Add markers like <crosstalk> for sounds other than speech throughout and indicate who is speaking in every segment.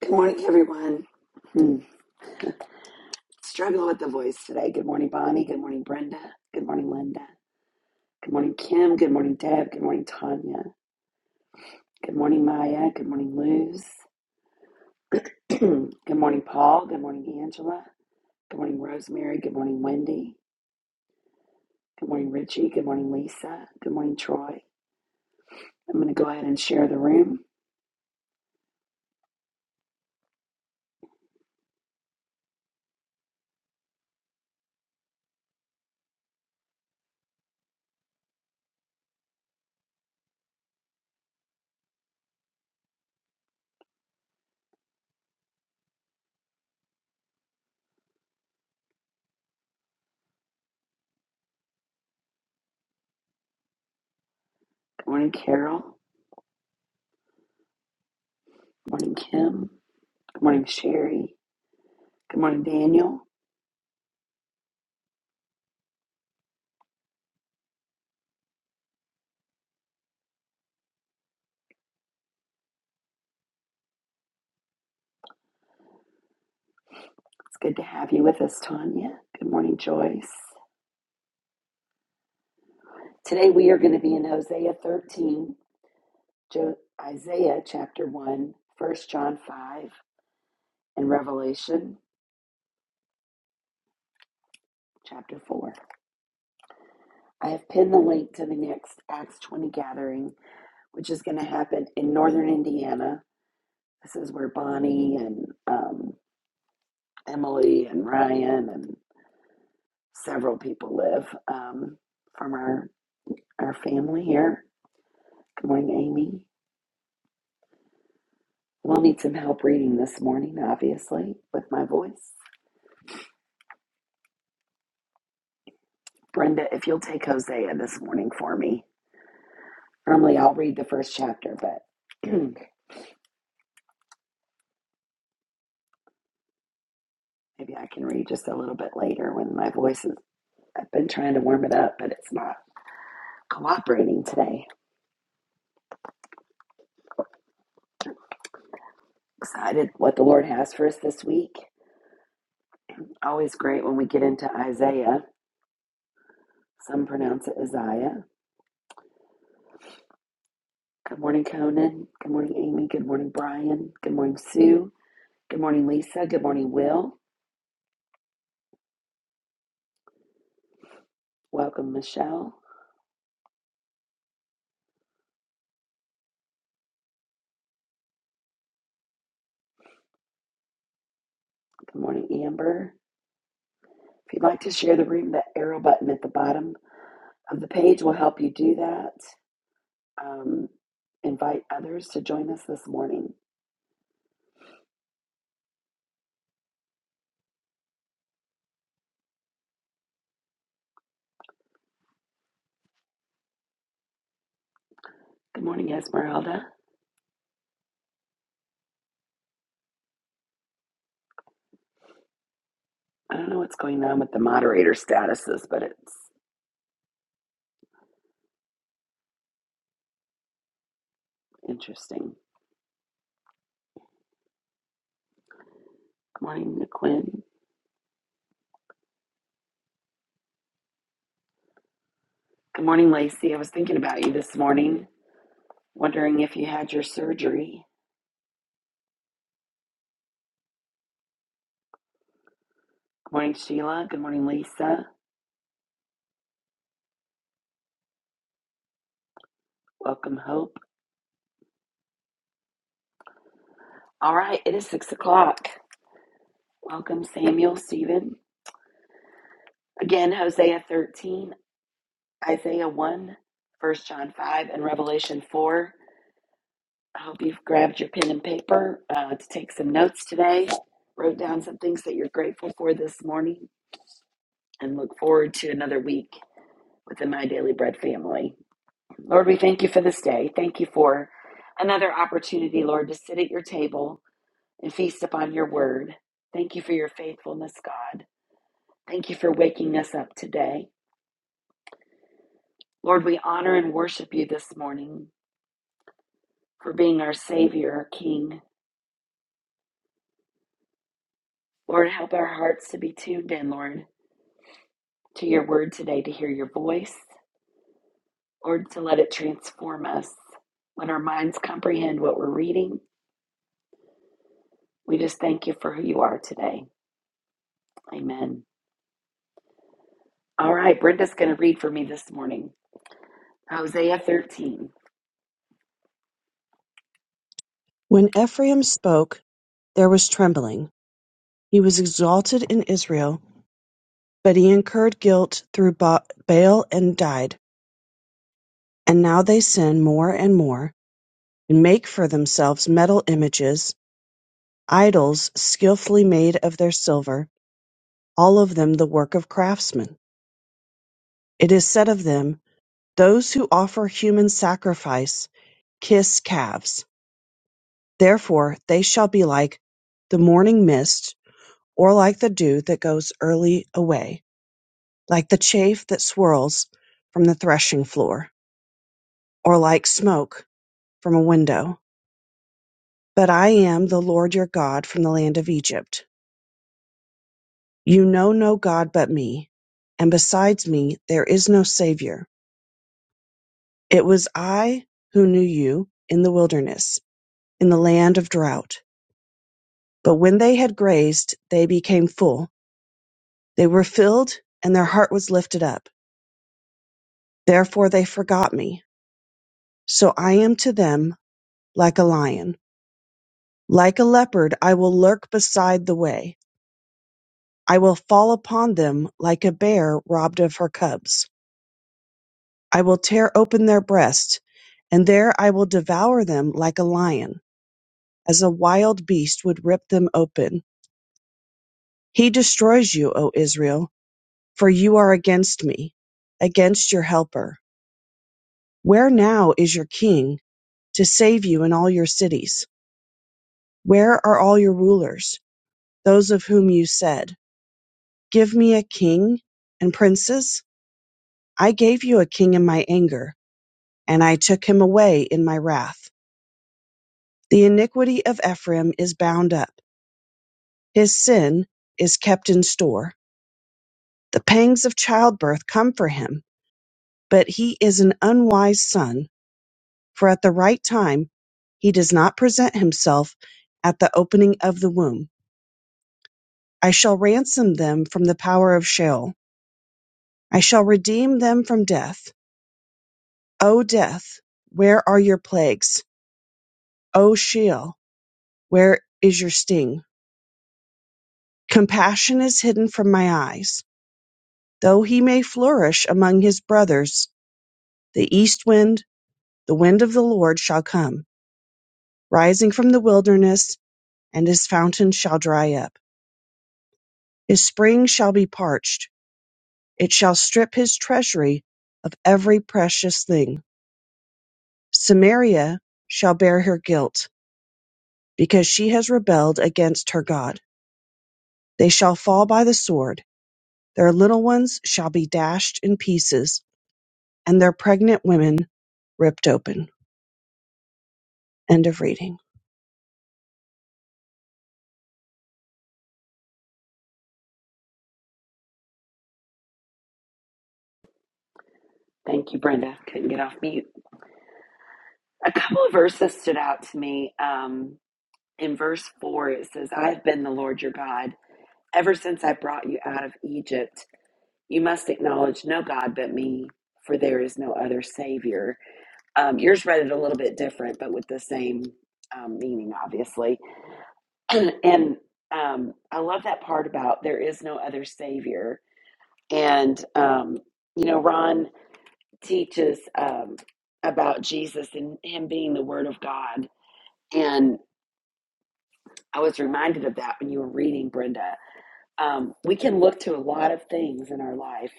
Speaker 1: Good morning, everyone. Hmm. Struggling with the voice today. Good morning, Bonnie. Good morning, Brenda. Good morning, Linda. Good morning, Kim. Good morning, Deb. Good morning, Tanya. Good morning, Maya. Good morning, Luz. <clears throat> Good morning, Paul. Good morning, Angela. Good morning, Rosemary. Good morning, Wendy. Good morning, Richie. Good morning, Lisa. Good morning, Troy. I'm going to go ahead and share the room. Good morning, Carol. Good morning, Kim. Good morning, Sherry. Good morning, Daniel. It's good to have you with us, Tanya. Good morning, Joyce. Today we are going to be in Hosea 13, Jo- Isaiah chapter one, First John 5, and Revelation chapter 4. I have pinned the link to the next Acts 20 gathering, which is going to happen in northern Indiana. This is where Bonnie and um, Emily and Ryan and several people live um, from our, our family here. Good morning, Amy. We'll need some help reading this morning, obviously, with my voice. Brenda, if you'll take Hosea this morning for me. Normally I'll read the first chapter, but <clears throat> maybe I can read just a little bit later when my voice is. I've been trying to warm it up, but it's not cooperating today. Excited what the Lord has for us this week. Always great when we get into Isaiah. Some pronounce it Isaiah. Good morning, Conan. Good morning, Amy. Good morning, Brian. Good morning, Sue. Good morning, Lisa. Good morning, Will. Welcome, Michelle. Good morning, Amber. If you'd like to share the room, that arrow button at the bottom Um, The page will help you do that. Um, invite others to join us this morning. Good morning, Esmeralda. I don't know what's going on with the moderator statuses, but it's interesting. Good morning, Quinn. Good morning, Lacey. I was thinking about you this morning, wondering if you had your surgery. Good morning, Sheila. Good morning, Lisa. Welcome, Hope. All right, it is six o'clock. Welcome, Samuel, Stephen. Again, Hosea 13, Isaiah one, First John 5, and Revelation 4. I hope you've grabbed your pen and paper uh, to take some notes today, wrote down some things that you're grateful for this morning, and look forward to another week with the My Daily Bread family. Lord, we thank you for this day. Thank you for another opportunity, Lord, to sit at your table and feast upon your word. Thank you for your faithfulness, God. Thank you for waking us up today. Lord, we honor and worship you this morning for being our Savior, our King. Lord, help our hearts to be tuned in, Lord to your word today to hear your voice. Lord, to let it transform us. When our minds comprehend what we're reading, we just thank you for who you are today. Amen. All right, Brenda's going to read for me this morning Hosea 13.
Speaker 2: When Ephraim spoke, there was trembling; he was exalted in Israel, but he incurred guilt through ba- Baal and died. And now they sin more and more, and make for themselves metal images, idols skilfully made of their silver, all of them the work of craftsmen. It is said of them, Those who offer human sacrifice kiss calves; therefore they shall be like the morning mist, or like the dew that goes early away. like the chaff that swirls from the threshing floor, or like smoke from a window. But I am the Lord your God from the land of Egypt. You know no God but me, and besides me there is no Savior. It was I who knew you in the wilderness, in the land of drought. But when they had grazed, they became full. They were filled, and their heart was lifted up. Therefore they forgot me. So I am to them like a lion Like a leopard I will lurk beside the way. I will fall upon them like a bear robbed of her cubs. I will tear open their breast, and there I will devour them like a lion, as a wild beast would rip them open. He destroys you, O Israel, for you are against me, against your helper. Where now is your king to save you in all your cities? Where are all your rulers, those of whom you said, Give me a king and princes? I gave you a king in my anger, and I took him away in my wrath. The iniquity of Ephraim is bound up, his sin is kept in store. The pangs of childbirth come for him, but he is an unwise son, for at the right time he does not present himself at the opening of the womb. I shall ransom them from the power of Sheol. I shall redeem them from death. O death, where are your plagues? O Sheol, where is your sting? Compassion is hidden from my eyes. Though he may flourish among his brothers, the east wind, the wind of the Lord, shall come, rising from the wilderness, and his fountain shall dry up. His spring shall be parched. It shall strip his treasury of every precious thing. Samaria shall bear her guilt, because she has rebelled against her God. They shall fall by the sword. Their little ones shall be dashed in pieces and their pregnant women ripped open. End of reading.
Speaker 1: Thank you, Brenda. Couldn't get off mute. A couple of verses stood out to me. Um, in verse 4, it says, I have been the Lord your God ever since I brought you out of Egypt. You must acknowledge no God but me, for there is no other Savior Um, yours read it a little bit different, but with the same um, meaning, obviously. <clears throat> and um, I love that part about there is no other Savior. And, um, you know, Ron teaches um, about Jesus and him being the Word of God. And I was reminded of that when you were reading, Brenda. Um, we can look to a lot of things in our life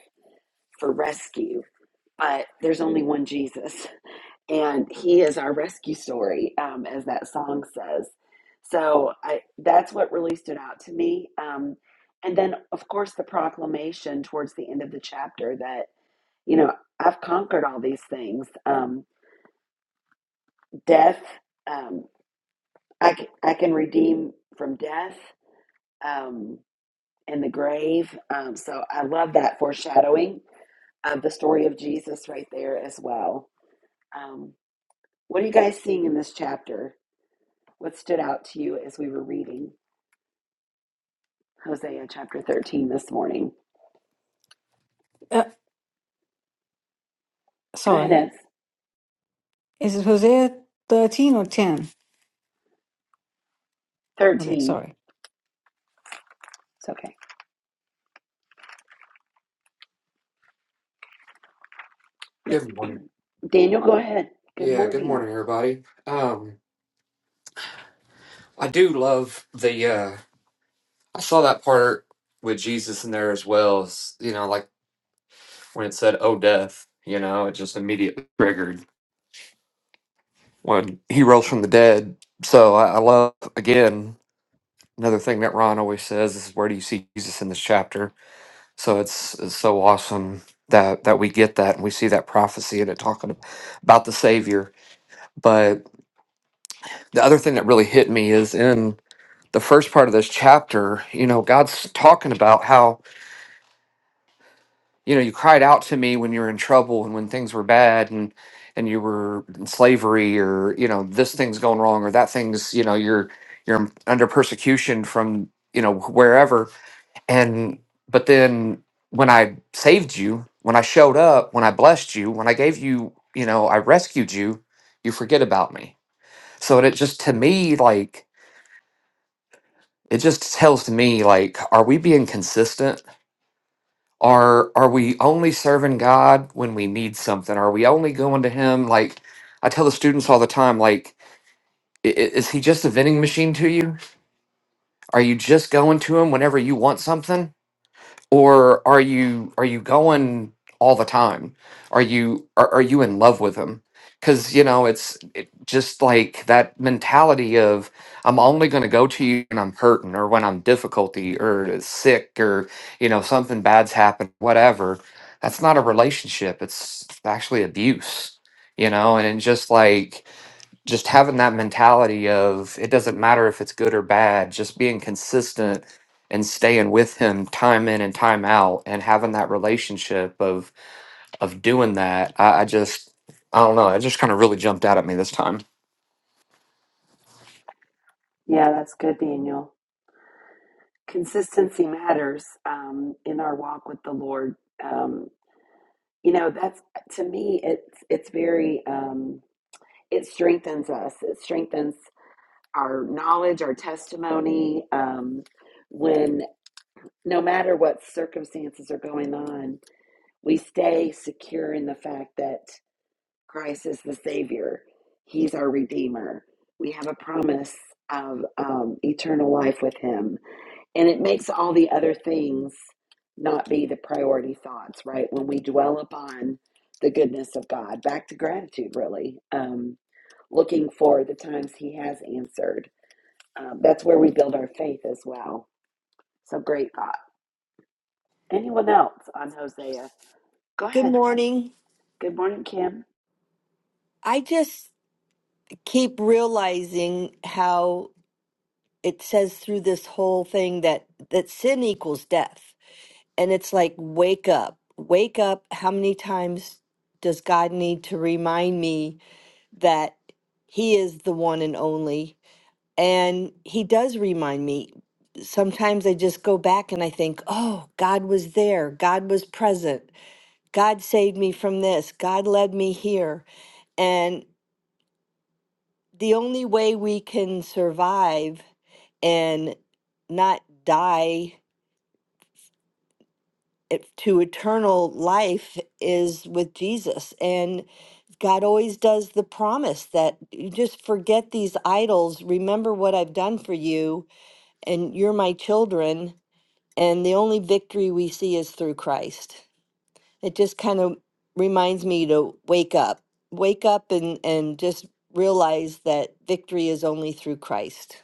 Speaker 1: for rescue, but there's only one Jesus. and he is our rescue story um, as that song says so I, that's what really stood out to me um, and then of course the proclamation towards the end of the chapter that you know i've conquered all these things um, death um, I, c- I can redeem from death um, and the grave um, so i love that foreshadowing of the story of jesus right there as well um, what are you guys seeing in this chapter What stood out to you as we were reading Hosea chapter 13 this morning?
Speaker 3: Uh,
Speaker 1: Go ahead, Ez.
Speaker 3: sorry. Is it Hosea 13 or 10? Okay,
Speaker 1: 13.
Speaker 3: sorry.
Speaker 1: It's okay.
Speaker 4: Good morning.
Speaker 1: Daniel, go ahead. Good
Speaker 4: Yeah, good
Speaker 1: morning.
Speaker 4: morning, everybody. Um, I do love the uh I saw that part with Jesus in there as well as you know, like when it said, Oh death, you know, it just immediately triggered when he rose from the dead. So I, I love again another thing that Ron always says is where do you see Jesus in this chapter? So it's it's so awesome that that we get that and we see that prophecy and it talking about the Savior. But the other thing that really hit me is in the first part of this chapter, you know, God's talking about how, you know, you cried out to me when you were in trouble and when things were bad and and you were in slavery or, you know, this thing's going wrong or that thing's, you know, you're you're under persecution from, you know, wherever. And but then when I saved you, when I showed up, when I blessed you, when I gave you, you know, I rescued you, you forget about me. So it just to me like it just tells me like are we being consistent Are are we only serving God when we need something? Are we only going to Him? Like I tell the students all the time, like i- i- is He just a vending machine to you? Are you just going to Him whenever you want something? or are you are you going all the time are you are, are you in love with him because you know it's it, just like that mentality of i'm only going to go to you when i'm hurting or when i'm difficulty or sick or you know something bad's happened whatever that's not a relationship it's actually abuse you know and it's just like just having that mentality of it doesn't matter if it's good or bad, just being consistent and staying with him time in and time out and having that relationship of of doing that, I, I just I don't know, it just kind of really jumped out at me this time.
Speaker 1: Yeah, that's good, Daniel. Consistency matters um, in our walk with the Lord. Um, You know, that's to me, it's it's very um, it strengthens us. It strengthens our knowledge, our testimony. Um, when no matter what circumstances are going on, We stay secure in the fact that Christ is the Savior, He's our Redeemer. We have a promise of um, eternal life with Him. And it makes all the other things not be the priority thoughts, right? When we dwell upon the goodness of God, back to gratitude, really, um, looking for the times He has answered. Um, that's where we build our faith as well. So great thought. Anyone else on Hosea? Go
Speaker 5: Good
Speaker 1: ahead.
Speaker 5: morning.
Speaker 1: Good morning, Kim.
Speaker 5: I just keep realizing how it says through this whole thing that that sin equals death. And it's like wake up. Wake up. How many times does God need to remind me that he is the one and only? And he does remind me. Sometimes I just go back and I think, "Oh, God was there. God was present. God saved me from this. God led me here." And the only way we can survive and not die it- to eternal life is with Jesus. And God always does the promise that you just forget these idols, remember what I've done for you, and you're my children. And the only victory we see is through Christ. It just kind of reminds me to wake up, wake up and, and just realize that victory is only through Christ.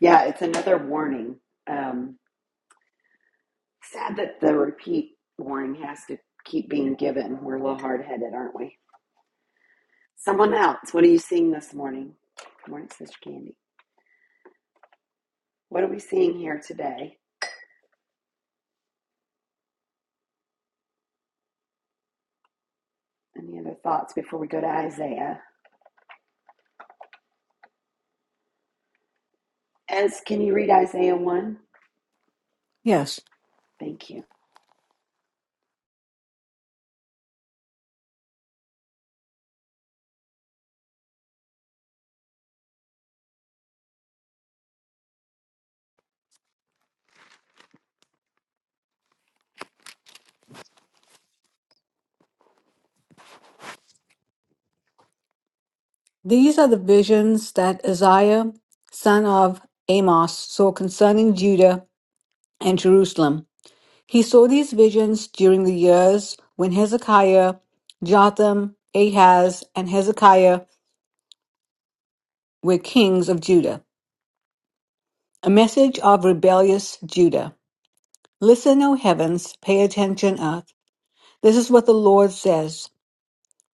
Speaker 1: Yeah, it's another warning. Um, sad that the repeat warning has to keep being given. We're a little hard headed, aren't we? Someone else, what are you seeing this morning? Good morning, Sister Candy. What are we seeing here today? Any other thoughts before we go to Isaiah? Ez, can you read Isaiah 1?
Speaker 3: Yes.
Speaker 1: Thank you.
Speaker 3: These are the visions that Isaiah, son of Amos, saw concerning Judah and Jerusalem. He saw these visions during the years when Hezekiah, Jotham, Ahaz, and Hezekiah were kings of Judah. A message of rebellious Judah. Listen, O heavens, pay attention, earth. This is what the Lord says.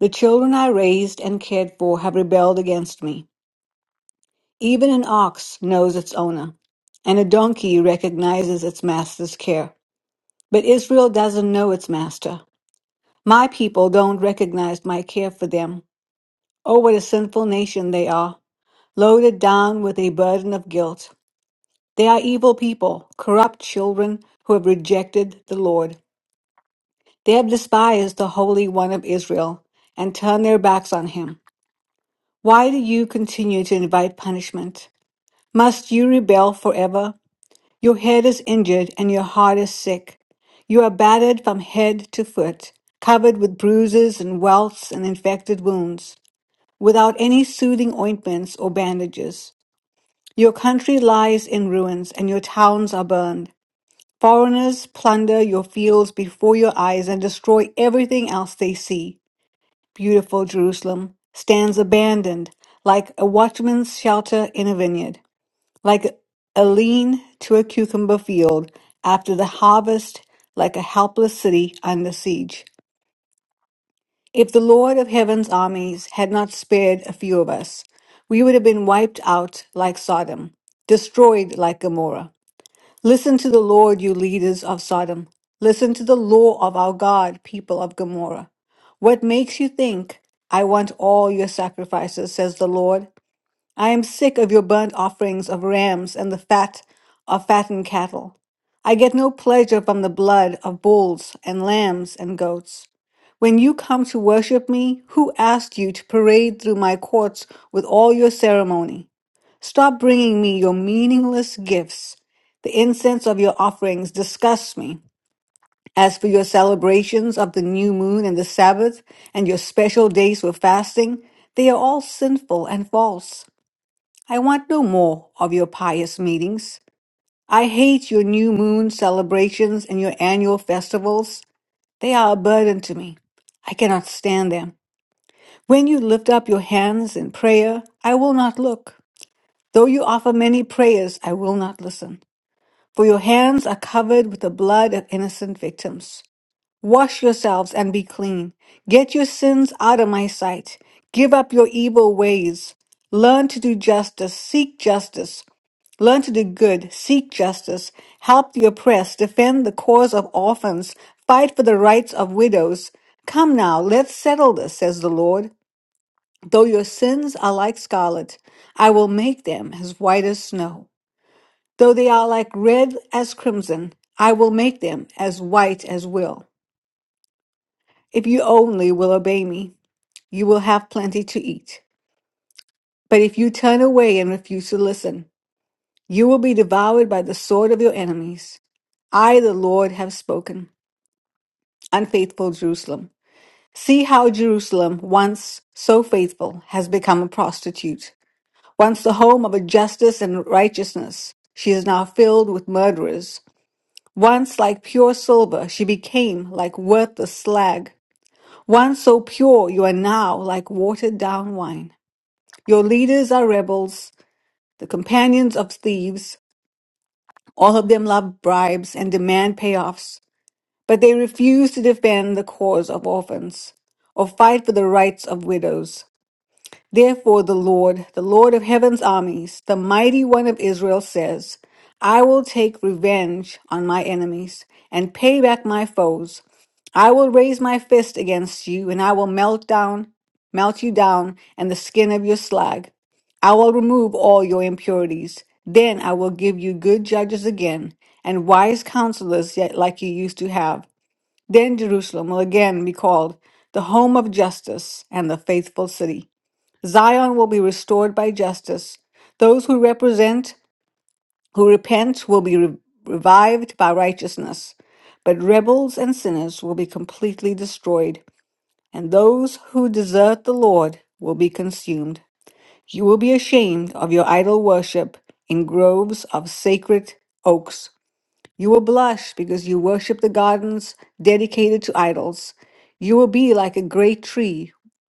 Speaker 3: The children I raised and cared for have rebelled against me. Even an ox knows its owner, and a donkey recognizes its master's care. But Israel doesn't know its master. My people don't recognize my care for them. Oh, what a sinful nation they are, loaded down with a burden of guilt. They are evil people, corrupt children who have rejected the Lord. They have despised the Holy One of Israel and turned their backs on him. Why do you continue to invite punishment? Must you rebel forever? Your head is injured and your heart is sick. You are battered from head to foot, covered with bruises and welts and infected wounds, without any soothing ointments or bandages. Your country lies in ruins and your towns are burned. Foreigners plunder your fields before your eyes and destroy everything else they see. Beautiful Jerusalem stands abandoned, like a watchman's shelter in a vineyard, like a lean to a cucumber field after the harvest, like a helpless city under siege. If the Lord of heaven's armies had not spared a few of us, we would have been wiped out like Sodom, destroyed like Gomorrah. Listen to the Lord, you leaders of Sodom. Listen to the law of our God, people of Gomorrah. What makes you think I want all your sacrifices, says the Lord? I am sick of your burnt offerings of rams and the fat of fattened cattle. I get no pleasure from the blood of bulls and lambs and goats. When you come to worship me, who asked you to parade through my courts with all your ceremony? Stop bringing me your meaningless gifts. The incense of your offerings disgusts me. As for your celebrations of the new moon and the Sabbath, and your special days for fasting, they are all sinful and false. I want no more of your pious meetings. I hate your new moon celebrations and your annual festivals. They are a burden to me. I cannot stand them. When you lift up your hands in prayer, I will not look. Though you offer many prayers, I will not listen. For your hands are covered with the blood of innocent victims. Wash yourselves and be clean. Get your sins out of my sight. Give up your evil ways. Learn to do justice. Seek justice. Learn to do good. Seek justice. Help the oppressed. Defend the cause of orphans. Fight for the rights of widows. Come now, let's settle this, says the Lord. Though your sins are like scarlet, I will make them as white as snow. Though they are like red as crimson, I will make them as white as will. If you only will obey me, you will have plenty to eat. But if you turn away and refuse to listen, you will be devoured by the sword of your enemies. I, the Lord, have spoken. Unfaithful Jerusalem. See how Jerusalem, once so faithful, has become a prostitute. Once the home of a justice and righteousness, she is now filled with murderers. Once like pure silver, she became like worthless slag. Once so pure, you are now like watered down wine. Your leaders are rebels, the companions of thieves. All of them love bribes and demand payoffs, but they refuse to defend the cause of orphans or fight for the rights of widows. Therefore, the Lord, the Lord of heaven's armies, the mighty one of Israel says, I will take revenge on my enemies and pay back my foes. I will raise my fist against you and I will melt down, melt you down and the skin of your slag. I will remove all your impurities. Then I will give you good judges again and wise counselors yet like you used to have. Then Jerusalem will again be called the home of justice and the faithful city. Zion will be restored by justice. Those who represent, who repent, will be re- revived by righteousness. But rebels and sinners will be completely destroyed, and those who desert the Lord will be consumed. You will be ashamed of your idol worship in groves of sacred oaks. You will blush because you worship the gardens dedicated to idols. You will be like a great tree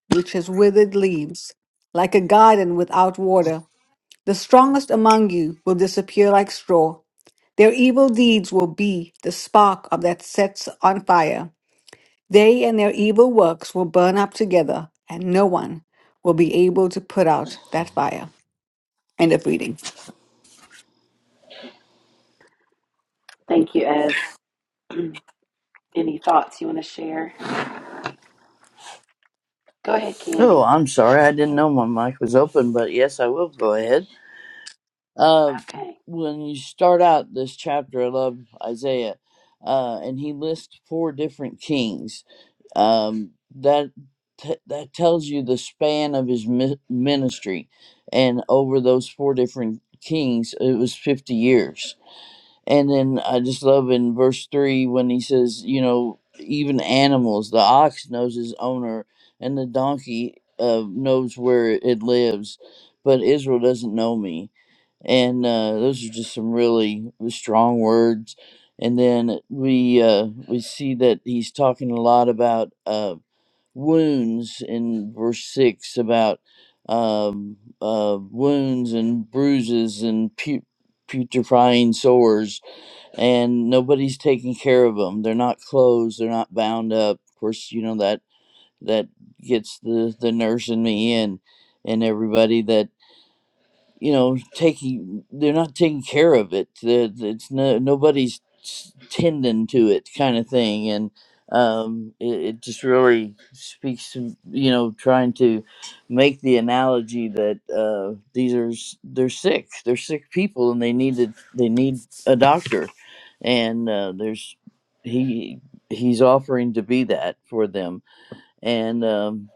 Speaker 3: which has withered leaves, like a garden without water. The strongest among you will disappear like straw. Their evil deeds will be the spark of that sets on fire. They and their evil works will burn up together, and no one will be able to put out that fire. End of reading.
Speaker 1: Thank you, Ez. <clears throat> Any thoughts you want to share? Go ahead,
Speaker 6: Oh,
Speaker 1: Candy.
Speaker 6: I'm sorry. I didn't know my mic was open, but yes, I will go ahead. Uh,
Speaker 1: Okay.
Speaker 6: when you start out this chapter, I love Isaiah, uh, and he lists four different kings. Um, that t- that tells you the span of his mi- ministry, and over those four different kings, it was 50 years and then I just love in verse three when he says, you know, even animals, the ox knows his owner, and the donkey uh, knows where it lives, but Israel doesn't know me. And uh, those are just some really strong words. And then we uh, we see that he's talking a lot about uh, wounds in verse six about um, uh, wounds and bruises and pu- putrefying sores and nobody's taking care of them. They're not closed. They're not bound up. Of course, you know that that gets the the nurse and me and and everybody that you know taking they're not taking care of it There- it's no nobody's s- tending to it kind of thing and um it, it just really speaks to you know trying to make the analogy that uh these are s- they're sick they're sick people and they need to they need a doctor and uh there's he he's offering to be that for them and um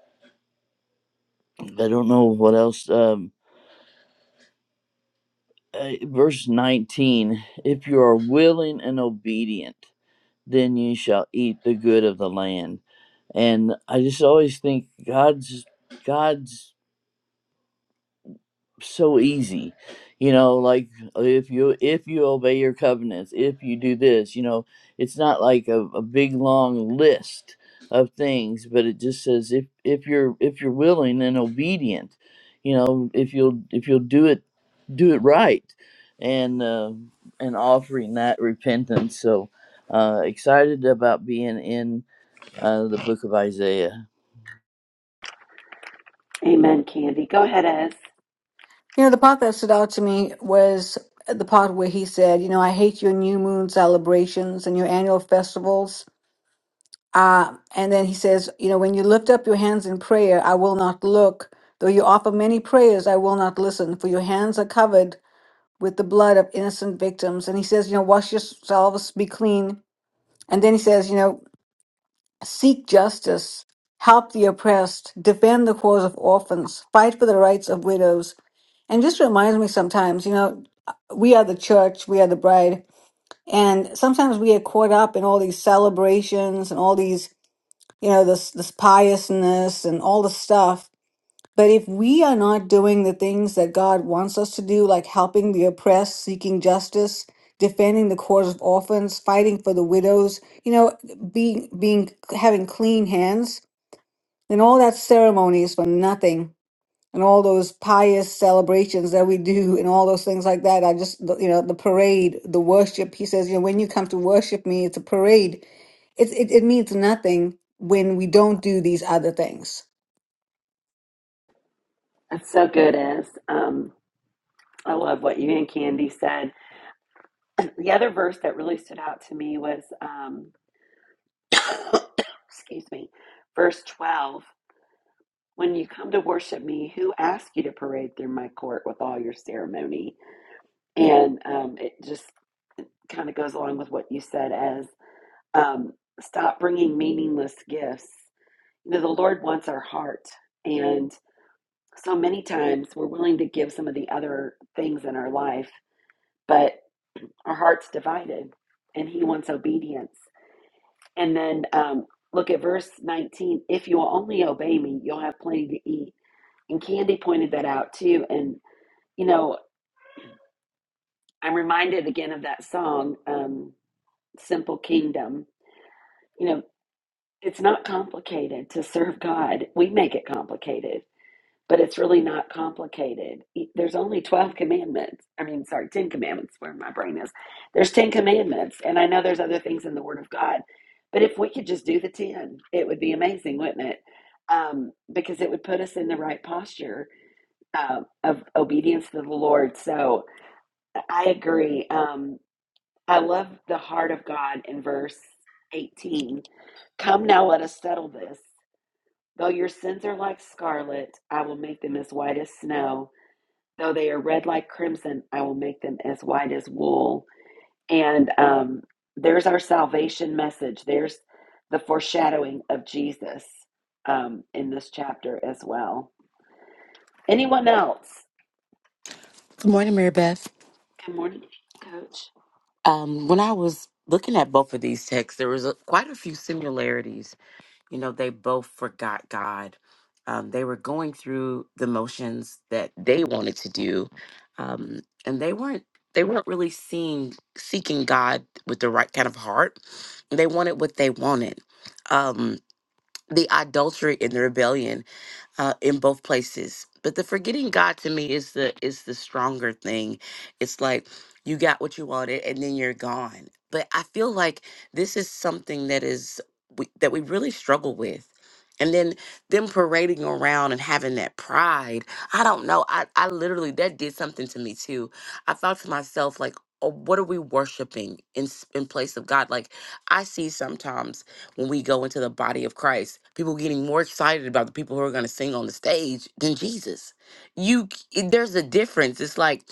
Speaker 6: i don't know what else Um uh, verse 19 if you are willing and obedient then you shall eat the good of the land and i just always think god's god's so easy you know like if you if you obey your covenants if you do this you know it's not like a, a big long list of things but it just says if if you're if you're willing and obedient you know if you'll if you'll do it do it right and uh, and offering that repentance so uh excited about being in uh the book of isaiah
Speaker 1: Amen, Candy. Go ahead, Ez.
Speaker 3: You know, the part that stood out to me was the part where he said, You know, I hate your new moon celebrations and your annual festivals. Uh, and then he says, you know, when you lift up your hands in prayer, I will not look. Though you offer many prayers, I will not listen, for your hands are covered with the blood of innocent victims. And he says, you know, wash yourselves, be clean. And then he says, you know, seek justice, help the oppressed, defend the cause of orphans, fight for the rights of widows. And just reminds me sometimes, you know, we are the church, we are the bride. And sometimes we get caught up in all these celebrations and all these you know this this piousness and all the stuff but if we are not doing the things that god wants us to do like helping the oppressed seeking justice defending the cause of orphans fighting for the widows you know being being having clean hands then all that ceremony is for nothing and all those pious celebrations that we do and all those things like that. I just, the- you know, the parade, the worship. He says, you know, when you come to worship me, it's a parade. It, it, it means nothing when we don't do these other things.
Speaker 1: That's so good, Ez. Um, I love what you and Candy said The other verse that really stood out to me was, um, <coughs> excuse me, verse 12. When you come to worship me, who asked you to parade through my court with all your ceremony? And um, it just kind of goes along with what you said as um, stop bringing meaningless gifts. You know, the Lord wants our heart. And so many times we're willing to give some of the other things in our life, but our heart's divided and He wants obedience. And then um, look at verse 19. If you'll only obey me, you'll have plenty to eat. And Candy pointed that out too. And, you know, I'm reminded again of that song, um, Simple Kingdom. You know, it's not complicated to serve God, we make it complicated. but it's really not complicated. E- There's only 12 commandments. I mean, sorry, 10 commandments where my brain is. There's 10 commandments, and I know there's other things in the Word of God, but if we could just do the 10, it would be amazing, wouldn't it? Um, because it would put us in the right posture uh, of obedience to the Lord. So I agree. Um, I love the heart of God in verse 18. Come now, let us settle this. Though your sins are like scarlet, I will make them as white as snow. Though they are red like crimson, I will make them as white as wool. And um, there's our salvation message. There's the foreshadowing of Jesus um, in this chapter as well. Anyone else?
Speaker 7: Good morning, Mary Beth.
Speaker 1: Good morning, Coach.
Speaker 7: Um, when I was looking at both of these texts, there was a, quite a few similarities. You know, they both forgot God. Um, they were going through the motions that they wanted to do, um, and they weren't they weren't really seeing seeking God with the right kind of heart. They wanted what they wanted. Um, the adultery and the rebellion. uh, in both places. But the forgetting God to me is the is the stronger thing. It's like you got what you wanted and then you're gone. But I feel like this is something that is we, that we really struggle with. And then them parading around and having that pride. I don't know. I, I literally that did something to me too. I thought to myself like, oh, what are we worshiping in s- in place of God? Like I see sometimes when we go into the body of Christ. People getting more excited about the people who are going to sing on the stage than Jesus. You c- there's a difference. It's like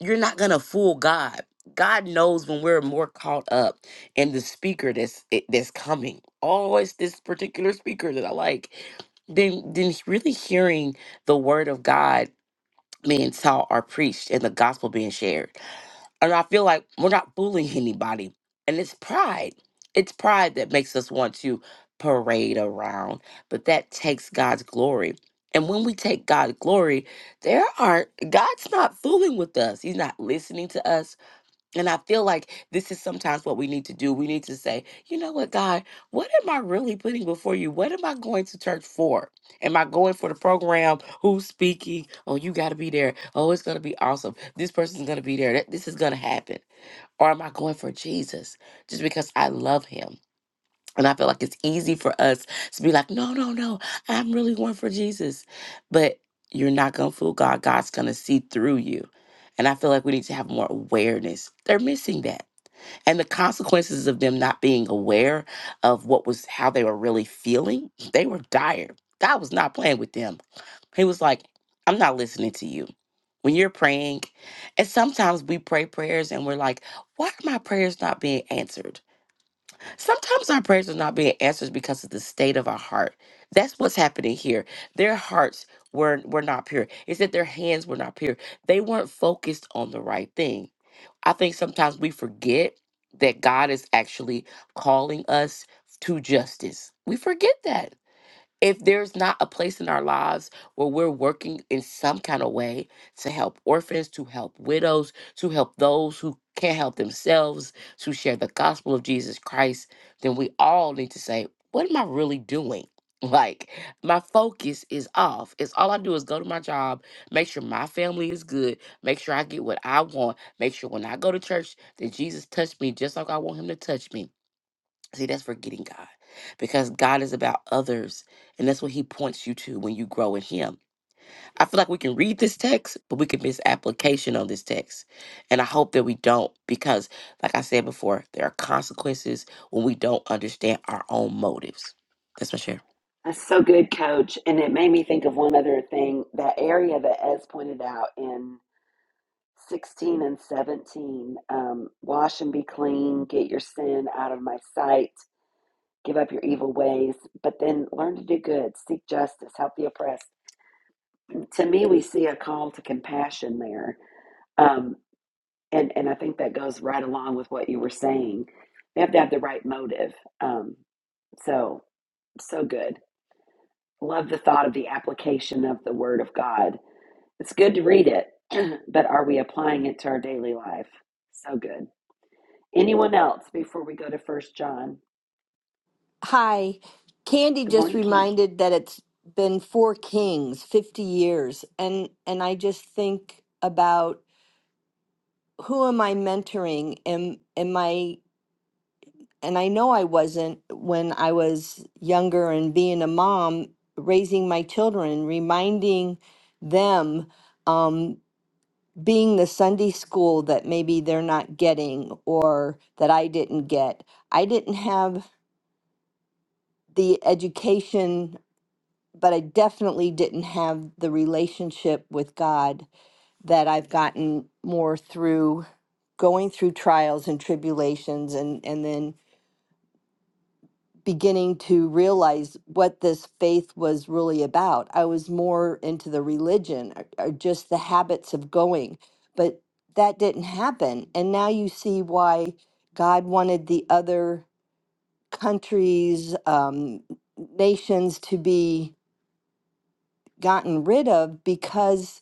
Speaker 7: you're not going to fool God. God knows when we're more caught up in the speaker that's it- that's coming. Oh, it's this particular speaker that I like. Than than really hearing the word of God being taught or preached and the gospel being shared. And I feel like we're not bullying anybody. And it's pride. It's pride that makes us want to parade around, but that takes God's glory. And when we take God's glory, there are God's not fooling with us. He's not listening to us. And I feel like this is sometimes what we need to do. We need to say, you know what, God, what am I really putting before you? What am I going to church for? Am I going for the program? Who's speaking? Oh, you got to be there. Oh, it's going to be awesome. This person's going to be there. That, this is going to happen. Or am I going for Jesus just because I love him? And I feel like it's easy for us to be like, no, no, no, I'm really one for Jesus. But you're not going to fool God. God's going to see through you. And I feel like we need to have more awareness. They're missing that. And the consequences of them not being aware of what was, how they were really feeling, they were dire. God was not playing with them. He was like, I'm not listening to you. When you're praying, and sometimes we pray prayers and we're like, why are my prayers not being answered? Sometimes our prayers are not being answered because of the state of our heart. That's what's happening here. Their hearts were were not pure. It's that their hands were not pure. They weren't focused on the right thing. I think sometimes we forget that God is actually calling us to justice. We forget that if there's not a place in our lives where we're working in some kind of way to help orphans, to help widows, to help those who can't help themselves, to share the gospel of Jesus Christ, then we all need to say, what am I really doing? <laughs> Like, my focus is off. It's all I do is go to my job, make sure my family is good, make sure I get what I want, make sure when I go to church that Jesus touched me just like I want him to touch me See, that's forgetting God because God is about others, and that's what He points you to when you grow in Him. I feel like we can read this text, but we can miss application on this text. And I hope that we don't because, like I said before, there are consequences when we don't understand our own motives. That's my share.
Speaker 1: That's so good, Coach. And it made me think of one other thing that area that Ez pointed out in 16 and 17 um, wash and be clean, get your sin out of my sight Give up your evil ways, but then learn to do good, seek justice, help the oppressed. To me, we see a call to compassion there. Um, and, and I think that goes right along with what you were saying. We have to have the right motive. Um, so, so good. Love the thought of the application of the Word of God. It's good to read it, <clears throat> but are we applying it to our daily life? So good. Anyone else before we go to First John?
Speaker 5: Hi. Candy
Speaker 1: Good
Speaker 5: just
Speaker 1: morning, Kim.
Speaker 5: reminded that it's been four kings, 50 years. And and I just think about who am I mentoring? Am am I and I know I wasn't when I was younger and being a mom, raising my children, reminding them um being the Sunday school that maybe they're not getting or that I didn't get. I didn't have the education but I definitely didn't have the relationship with God that I've gotten more through going through trials and tribulations and and then beginning to realize what this faith was really about. I was more into the religion or, or just the habits of going, but that didn't happen. And now you see why God wanted the other countries, um, nations to be gotten rid of because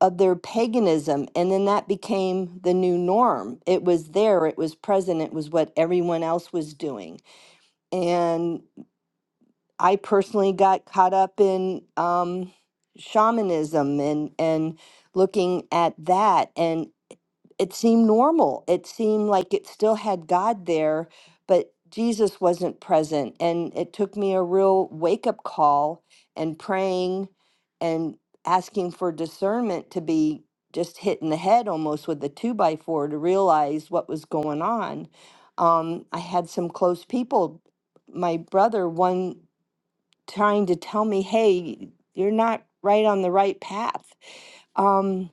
Speaker 5: of their paganism and then that became the new norm it was there it was present it was what everyone else was doing and i personally got caught up in um shamanism and and looking at that and it seemed normal. It seemed like it still had God there, but Jesus wasn't present. And it took me a real wake up call and praying and asking for discernment to be just hit in the head almost with a two by four to realize what was going on. Um, I had some close people, my brother, one trying to tell me, hey, you're not right on the right path. Um,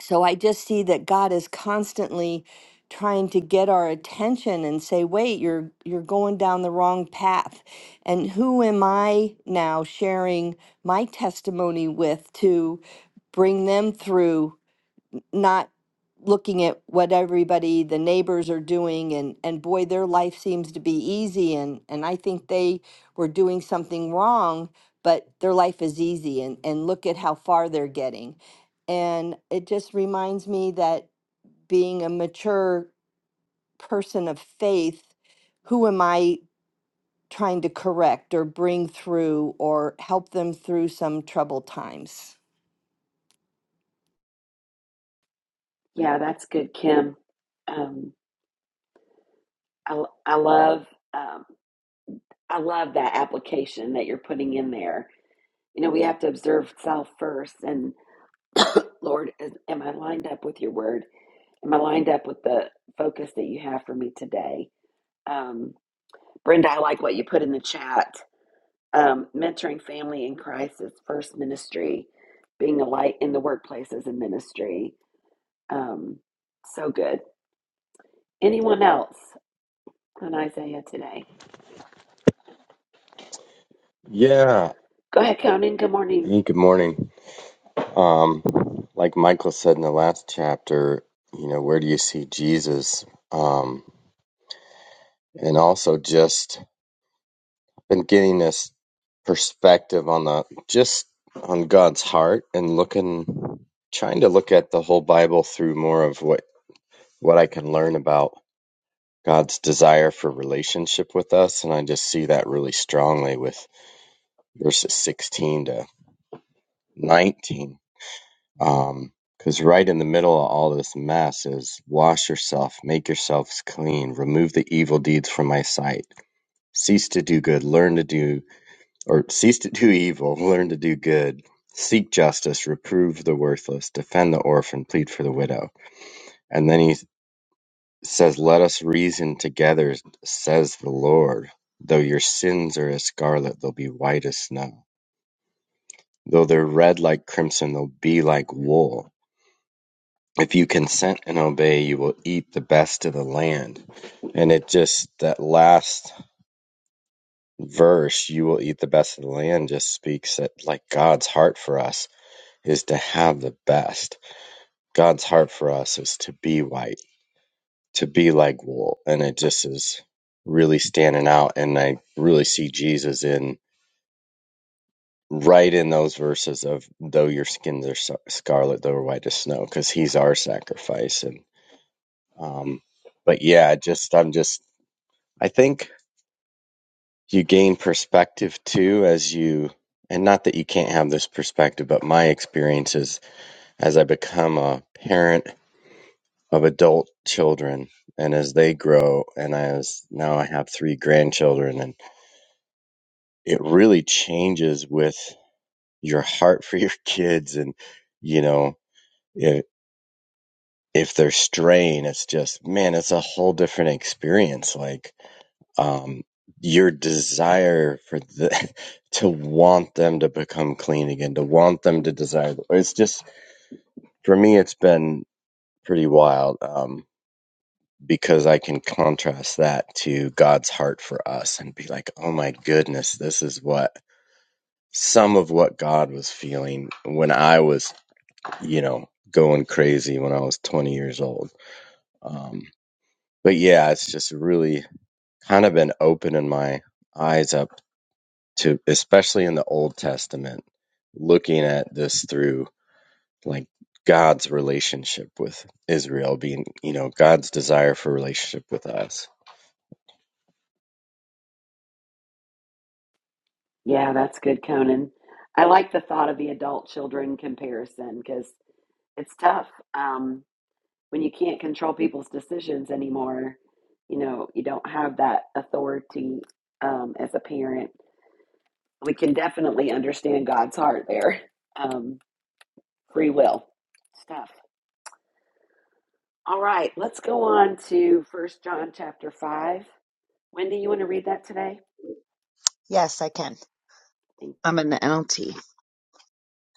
Speaker 5: so I just see that God is constantly trying to get our attention and say, "Wait, you're you're going down the wrong path." And who am I now sharing my testimony with to bring them through not looking at what everybody the neighbors are doing and and boy their life seems to be easy and and I think they were doing something wrong but their life is easy and and look at how far they're getting and it just reminds me that being a mature person of faith who am I trying to correct or bring through or help them through some troubled times
Speaker 1: Yeah, that's good, Kim. Um, I, I love um, I love that application that you're putting in there. You know, we have to observe self first, and Lord, is, am I lined up with your word? Am I lined up with the focus that you have for me today? Um, Brenda, I like what you put in the chat. Um, mentoring family in crisis, first ministry, being a light in the workplaces and ministry. Um, so good. Anyone else on Isaiah today?
Speaker 8: Yeah.
Speaker 1: Go ahead, Conan. Good morning.
Speaker 8: Hey, good morning. Um, like Michael said in the last chapter, you know, where do you see Jesus? Um, and also just been getting this perspective on the just on God's heart and looking, trying to look at the whole Bible through more of what what I can learn about God's desire for relationship with us, and I just see that really strongly with verses 16 to 19 Um, because right in the middle of all this mess is wash yourself, make yourselves clean, remove the evil deeds from my sight, cease to do good, learn to do, or cease to do evil, <laughs> learn to do good, seek justice, reprove the worthless, defend the orphan, plead for the widow. And then he says, Let us reason together, says the Lord. Though your sins are as scarlet, they'll be white as snow. Though they're red like crimson, they'll be like wool if you consent and obey, you will eat the best of the land. And it just, that last verse, you will eat the best of the land, just speaks that like God's heart for us is to have the best. God's heart for us is to be white, to be like wool. And it just is really standing out. And I really see Jesus in right in those verses of though your skins are so, scarlet, though are white as snow, because he's our sacrifice. And, um, but yeah, just, I'm just, I think you gain perspective too as you, and not that you can't have this perspective, but my experience is as I become a parent of adult children and as they grow, and as now I have three grandchildren, and it really changes with your heart for your <laughs> kids. And, you know, if, if they're straying, it's just, man, it's a whole different experience. Like, um, your desire for the <laughs> to want them to become clean again, to want them to desire. It's just for me, it's been pretty wild um, because I can contrast that to God's heart for us and be like, oh my goodness, this is what some of what God was feeling when I was, you know, going crazy when I was 20 years old. Um, but yeah, it's just really kind of been opening my eyes up to especially in the Old Testament, looking at this through like God's relationship with Israel being, you know, God's desire for relationship with us.
Speaker 1: Yeah, that's good, Conan. I like the thought of the adult children comparison because it's tough um, when you can't control people's decisions anymore. You know, you don't have that authority um, as a parent. We can definitely understand God's heart there. Um, free will stuff. All right, let's go on to First John chapter five. Wendy, you want to read that today?
Speaker 9: Yes, I can.
Speaker 1: Thank
Speaker 9: I'm in the NLT.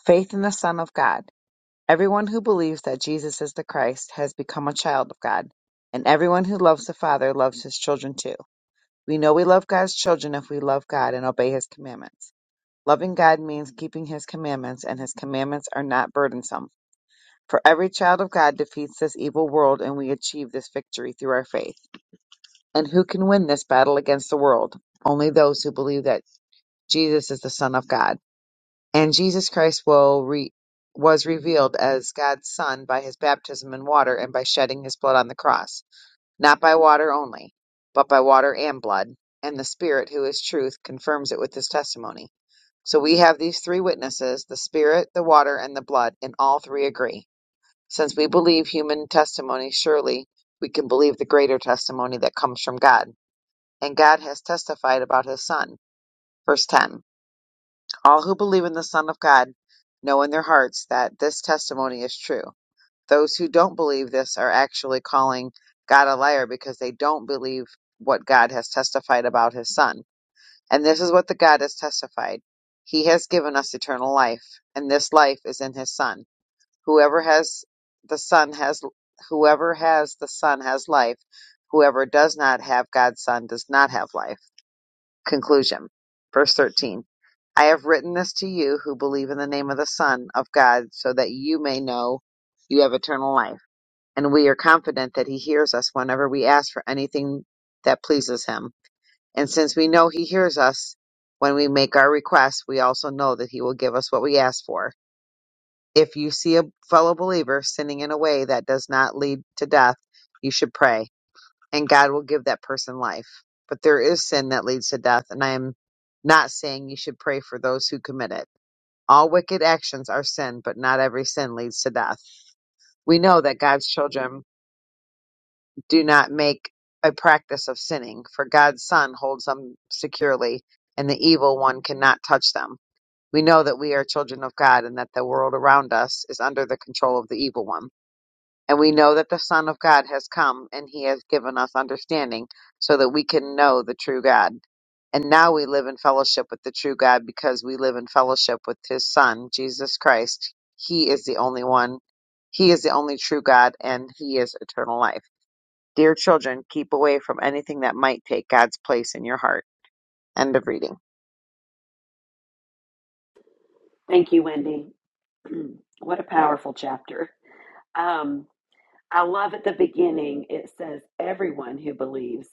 Speaker 9: Faith in the Son of God. Everyone who believes that Jesus is the Christ has become a child of God, and everyone who loves the Father loves his children too. We know we love God's children if we love God and obey his commandments. Loving God means keeping his commandments, and his commandments are not burdensome. For every child of God defeats this evil world, and we achieve this victory through our faith. And who can win this battle against the world? Only those who believe that Jesus is the Son of God. and Jesus Christ will re- was revealed as God's Son by his baptism in water and by shedding his blood on the cross, not by water only, but by water and blood. And the Spirit, who is truth, confirms it with his testimony. So we have these three witnesses the Spirit, the water, and the blood, and all three agree. Since we believe human testimony, surely we can believe the greater testimony that comes from God. And God has testified about his Son. Verse 10 all who believe in the Son of God know in their hearts that this testimony is true. Those who don't believe this are actually calling God a liar because they don't believe what God has testified about his Son. And this is what the God has testified. He has given us eternal life, and this life is in his Son. Whoever has the Son has whoever has the Son has life. Whoever does not have God's Son does not have life. Conclusion. Verse 13. I have written this to you who believe in the name of the Son of God, so that you may know you have eternal life. And we are confident that He hears us whenever we ask for anything that pleases Him. And since we know He hears us when we make our requests, we also know that He will give us what we ask for. If you see a fellow believer sinning in a way that does not lead to death, you should pray, and God will give that person life. But there is sin that leads to death, and I am not saying you should pray for those who commit it all wicked actions are sin, but not every sin leads to death. We know that God's children do not make a practice of sinning, for God's Son holds them securely, and the evil one cannot touch them. We know that we are children of God and that the world around us is under the control of the evil one. And we know that the Son of God has come and he has given us understanding so that we can know the true God. And now we live in fellowship with the true God because we live in fellowship with his Son, Jesus Christ. He is the only one. He is the only true God and he is eternal life. Dear children, keep away from anything that might take God's place in your heart. End of reading.
Speaker 1: thank you, Wendy. <clears throat> what a powerful chapter. Um, I love at the beginning, it says, everyone who believes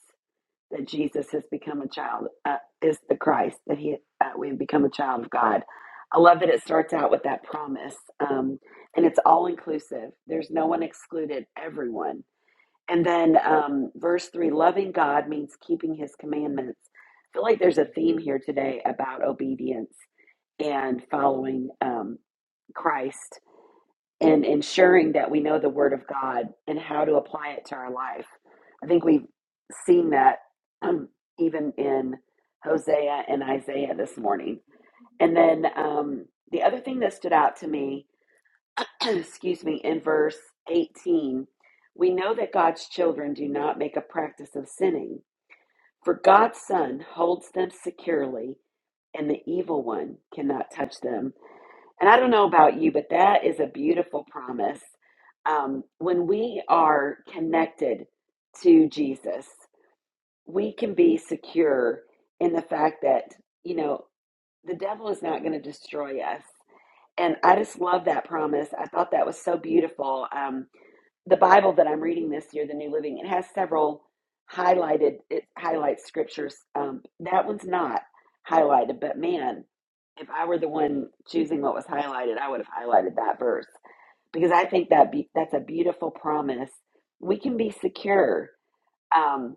Speaker 1: that Jesus has become a child uh, is the Christ, that he, uh, we have become a child of God. I love that it starts out with that promise. Um, and it's all inclusive, there's no one excluded, everyone. And then um, verse three loving God means keeping his commandments. I feel like there's a theme here today about obedience and following um, Christ and ensuring that we know the Word of God and how to apply it to our life. I think we've seen that um, even in Hosea and Isaiah this morning. And then um, the other thing that stood out to me, <clears throat> excuse me, in verse 18, we know that God's children do not make a practice of sinning, for God's Son holds them securely, and the evil one cannot touch them. And I don't know about you, but that is a beautiful promise. Um, when we are connected to Jesus, we can be secure in the fact that, you know, the devil is not going to destroy us. And I just love that promise. I thought that was so beautiful. Um, the Bible that I'm reading this year, the New Living, it has several highlighted. It highlights scriptures. Um, that one's not highlighted, but man, if I were the one choosing what was highlighted, I would have highlighted that verse because I think that be, that's a beautiful promise. We can be secure. Um,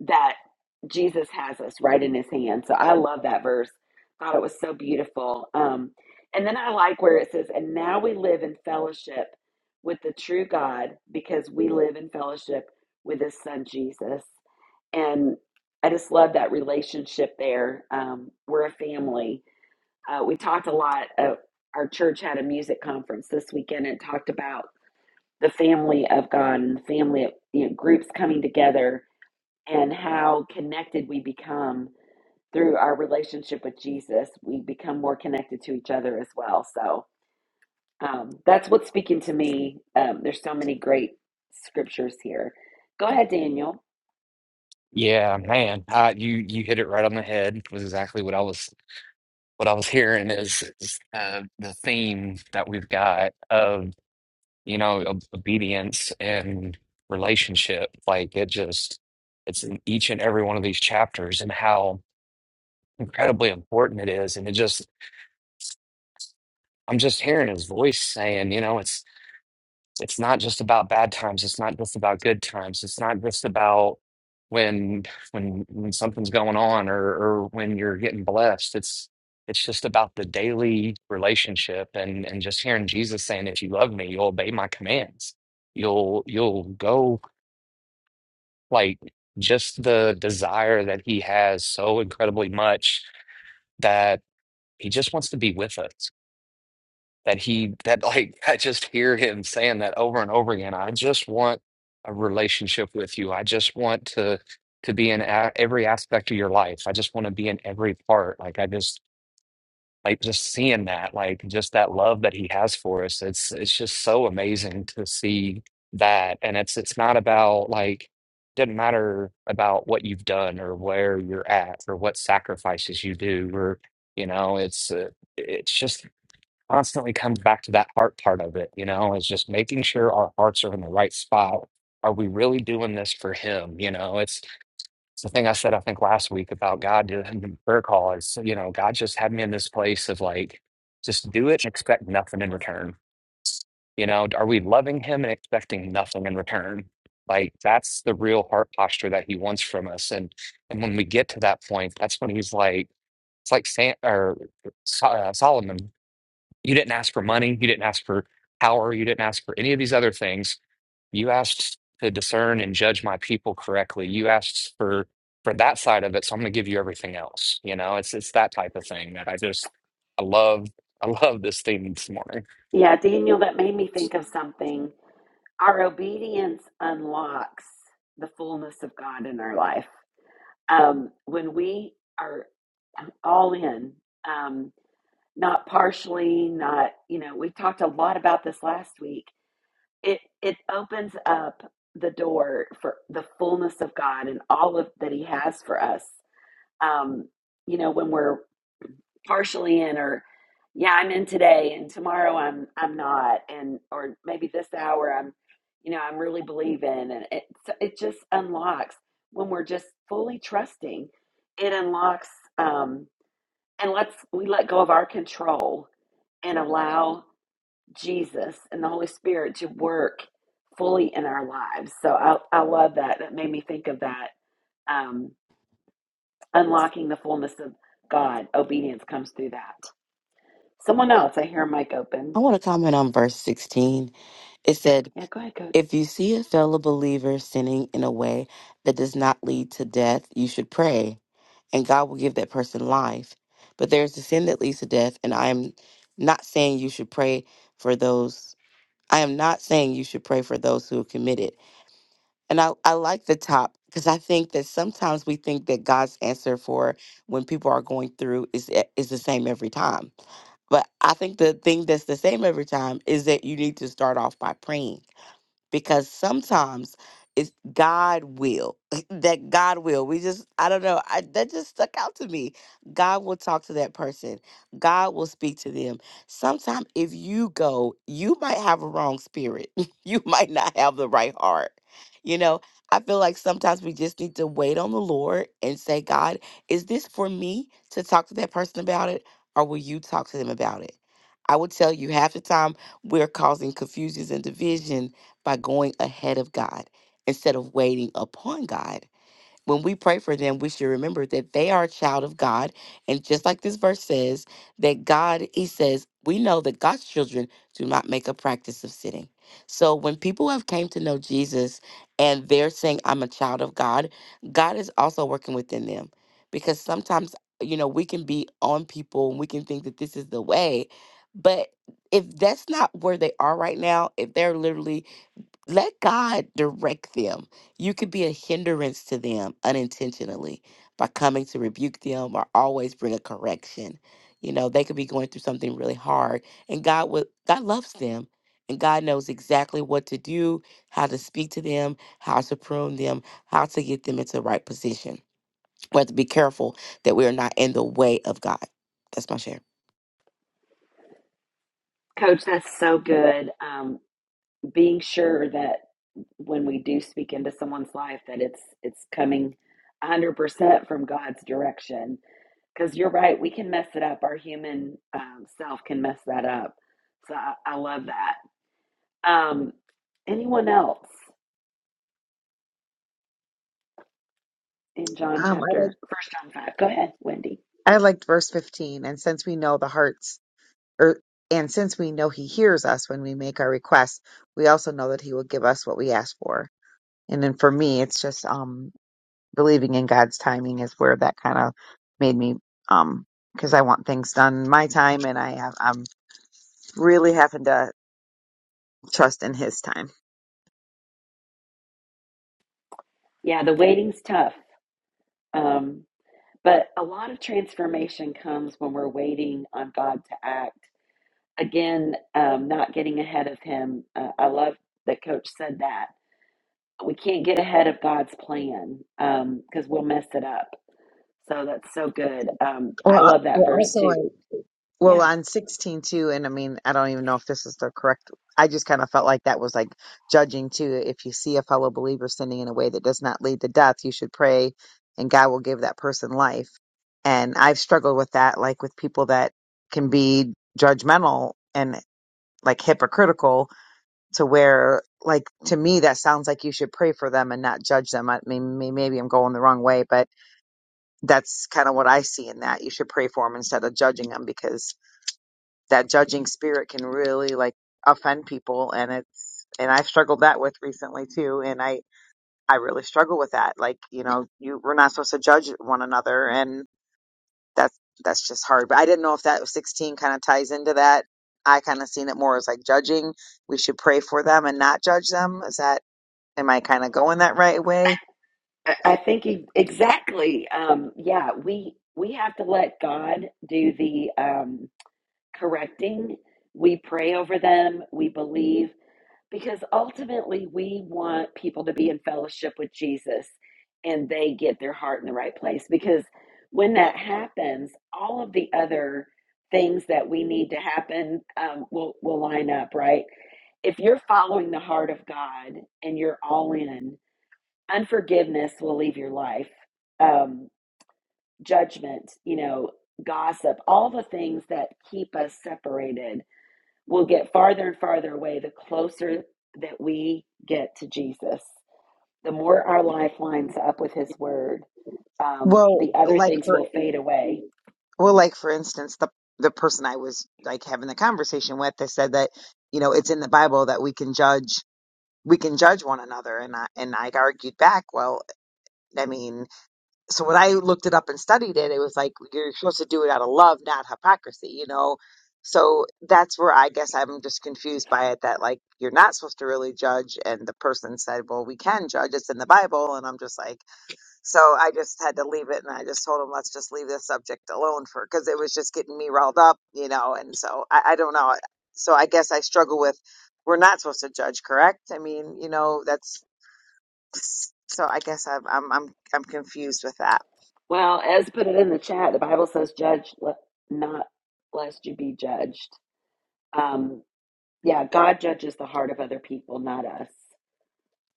Speaker 1: that Jesus has us right in his hand. So I love that verse. Thought it was so beautiful. Um, and then I like where it says, and now we live in fellowship with the true God because we live in fellowship with his son Jesus. And I just love that relationship there. Um, we're a family. Uh, we talked a lot. Of, our church had a music conference this weekend and talked about the family of God and the family of you know, groups coming together and how connected we become through our relationship with Jesus. We become more connected to each other as well. So um, that's what's speaking to me. Um, there's so many great scriptures here. Go ahead, Daniel.
Speaker 4: Yeah, man, uh, you you hit it right on the head. Was exactly what I was what I was hearing is, is uh, the theme that we've got you know, ob- obedience and relationship. Like it just, it's in each and every one of these chapters and how incredibly important it is. And it just, I'm just hearing his voice saying, you know, it's, it's not just about bad times. It's not just about good times. It's not just about when, when, when something's going on or, or when you're getting blessed. It's, it's just about the daily relationship and, and just hearing Jesus saying, if you love me, you'll obey my commands you'll you'll go like just the desire that he has so incredibly much that he just wants to be with us. That he that like <laughs> I just hear him saying that over and over again. I just want a relationship with you. I just want to to be in a- every aspect of your life. I just want to be in every part. Like I just like just seeing that like just that love that he has for us it's it's just so amazing to see that and it's it's not about like doesn't matter about what you've done or where you're at or what sacrifices you do or you know it's uh, it's just constantly comes back to that heart part of it you know it's just making sure our hearts are in the right spot are we really doing this for him you know it's it's the thing I said, I think last week about God in the prayer call is, you know, God just had me in this place of like, just do it and expect nothing in return. You know, are we loving Him and expecting nothing in return? Like that's the real heart posture that He wants from us. And and when we get to that point, that's when He's like, it's like Sam or So- uh, Solomon. You didn't ask for money. You didn't ask for power. You didn't ask for any of these other things you asked to discern and judge my people correctly. You asked for for that side of it, so I'm going to give you everything else. You know, it's it's that type of thing that I just I love I <laughs> love this theme this morning.
Speaker 1: Yeah, Daniel, that made me think of something. Our obedience unlocks the fullness of God in our life. Um, when we are all in, um, not partially, not, you know, we talked a lot about this last week it it opens up the door for the fullness of God and all of that He has for us. Um, you know, when we're partially in, or yeah, I'm in today, and tomorrow I'm I'm not, and or maybe this hour I'm, you know, I'm really believing, and it so it just unlocks when we're just fully trusting. It unlocks um, and lets we let go of our control and allow. Jesus and the Holy Spirit to work fully in our lives. So I, I love that. That made me think of that. Um, unlocking the fullness of God, obedience comes through that. Someone else, I hear a mic
Speaker 7: I
Speaker 1: open.
Speaker 7: want to comment on verse 16. It said,
Speaker 1: Yeah, go ahead, coach.
Speaker 7: If you see a fellow believer sinning in a way that does not lead to death, you should pray. and God will give that person life. But there's a sin that leads to death, and I am not saying you should pray for those. I am not saying you should pray for those who commit it. And I, I like the top because I think that sometimes we think that God's answer for when people are going through is eh, is the same every time. But I think the thing that's the same every time is that you need to start off by praying because sometimes it's God will <laughs> that God will. We just I don't know. I, that just stuck out to me. God will talk to that person. God will speak to them. Sometimes if you go, you might have a wrong spirit. <laughs> you might not have the right heart. You know, I feel like sometimes we just need to wait on the Lord and say, God, is this for me to talk to that person about it, or will you talk to them about it? I would tell you half the time we're causing confusions and division by going ahead of God instead of waiting upon God. When we pray for them, we should remember that they are a child of God. And just like this verse says, that God, he says, we know that God's children do not make a practice of sinning. So when people have came to know Jesus and they're saying, I'm a child of God, God is also working within them. Because sometimes, you know, we can be on people and we can think that this is the way. But if that's not where they are right now, if they're literally let God direct them. You could be a hindrance to them unintentionally by coming to rebuke them or always bring a correction. You know, they could be going through something really hard and God would God loves them and God knows exactly what to do, how to speak to them, how to prune them, how to get them into the right position. We have to be careful that we are not in the way of God. That's my share.
Speaker 1: Coach, that's so good. Um, being sure that when we do speak into someone's life, that it's it's coming 100% from God's direction because you're right we can mess it up our human um, self can mess that up so I, I love that Um, anyone else in John
Speaker 9: Um, I like
Speaker 1: chapter First John five? Go ahead, Wendy.
Speaker 9: I liked verse 15 and since we know the hearts er, and since we know he hears us when we make our requests, we also know that he will give us what we ask for. And then for me, it's just um, believing in God's timing is where that kind of made me, um, because I want things done in my time, and I have I'm really having to trust in His time.
Speaker 1: Yeah, the waiting's tough, um, but a lot of transformation comes when we're waiting on God to act. Again, um, not getting ahead of Him. Uh, I love that Coach said that we can't get ahead of God's plan because we'll mess it up. So that's so good. Um, I
Speaker 9: Well, uh,
Speaker 1: love that
Speaker 9: well
Speaker 1: verse
Speaker 9: also I
Speaker 1: too.
Speaker 9: Well,
Speaker 1: Yeah.
Speaker 9: on 16 too, and I mean, I don't even know if this is the correct. I just kind of felt like that was like judging too. If you see a fellow believer sinning in a way that does not lead to death, you should pray and God will give that person life. And I've struggled with that, like with people that can be judgmental and like hypocritical to where, like, to me, that sounds like you should pray for them and not judge them. I mean, may- maybe I'm going the wrong way, but that's kind of what I see in that. You should pray for them instead of judging them because that judging spirit can really like offend people and it's and I've struggled that with recently too and I I really struggle with that like you know you we're not supposed to judge one another and that's that's just hard but I didn't know if that 16 kind of ties into that I kind of seen it more as like judging we should pray for them and not judge them is that Am I kind of going that right way?
Speaker 1: I I think you, exactly. Um, yeah, we we have to let God do the um, correcting. We pray over them. We believe because ultimately we want people to be in fellowship with Jesus, and they get their heart in the right place. Because when that happens, all of the other things that we need to happen um, will will line up, right? If you're following the heart of God and you're all in, unforgiveness will leave your life um judgment you know gossip all the things that keep us separated will get farther and farther away the closer that we get to jesus the more our life lines up with his word um,
Speaker 9: Well,
Speaker 1: the other
Speaker 9: like
Speaker 1: things
Speaker 9: for
Speaker 1: will fade away
Speaker 9: well, like for instance, the the person I was like having the conversation with, they said that you know it's in the Bible that we can judge we can judge one another, and I and I argued back. Well, I mean. so when I looked it up and studied it, it was like you're supposed to do it out of love, not hypocrisy, you know? So that's where I guess I'm just confused by it that like you're not supposed to really judge. And the person said, well, we can judge. It's in the Bible. And I'm just like, so I just had to leave it. And I just told him, let's just leave this subject alone for, cause it was just getting me riled up, you know? And so I, I don't know. So I guess I struggle with, we're not supposed to judge, correct? I mean, you know, that's, so I guess I'm, I'm, I'm, I'm confused with that.
Speaker 1: Well, as put it in the chat, the Bible says, judge le- not lest you be judged. Um, yeah, God judges the heart of other people, not us.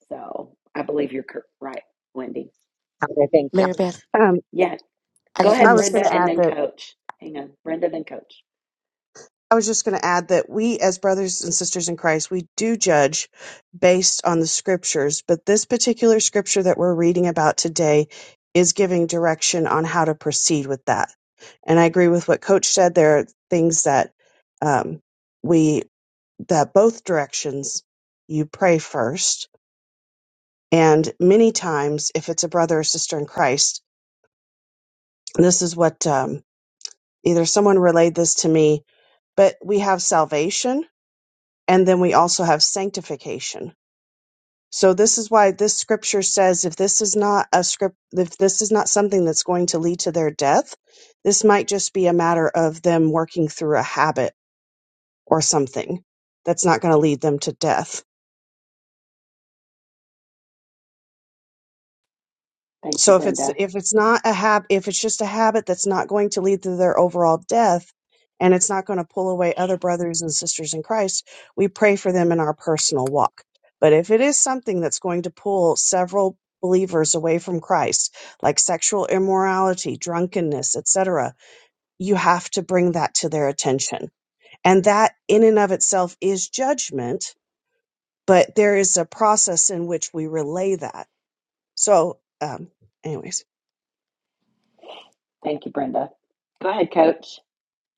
Speaker 1: So I believe you're cor- right, Wendy.
Speaker 9: I thank you.
Speaker 7: Mary Beth,
Speaker 2: Um,
Speaker 1: Yeah,
Speaker 7: I
Speaker 1: go
Speaker 7: just
Speaker 1: ahead,
Speaker 2: I
Speaker 7: want
Speaker 2: was
Speaker 7: to
Speaker 1: Brenda,
Speaker 2: going to
Speaker 1: and
Speaker 2: add
Speaker 1: then
Speaker 2: that
Speaker 1: coach. Hang on, Brenda, then coach.
Speaker 2: I was just going to add that we, as brothers and sisters in Christ, we do judge based on the scriptures, but this particular scripture that we're reading about today is giving direction on how to proceed with that. And I agree with what Coach said. There are things that um, we that both directions you pray first. And many times, if it's a brother or sister in Christ, this is what um, Either someone relayed this to me, but we have salvation and then we also have sanctification. So this is why this scripture says if this is not a script if this is not something that's going to lead to their death, this might just be a matter of them working through a habit or something that's not going to lead them to death.
Speaker 1: Thank you,
Speaker 2: So if it's
Speaker 1: Brenda.
Speaker 2: if it's not a hab if it's just a habit that's not going to lead to their overall death and it's not going to pull away other brothers and sisters in Christ, we pray for them in our personal walk. But if it is something that's going to pull several believers away from Christ, like sexual immorality, drunkenness, etc., you have to bring that to their attention. And that in and of itself is judgment, but there is a process in which we relay that. So um anyways
Speaker 1: Thank you, Brenda. Go ahead, coach.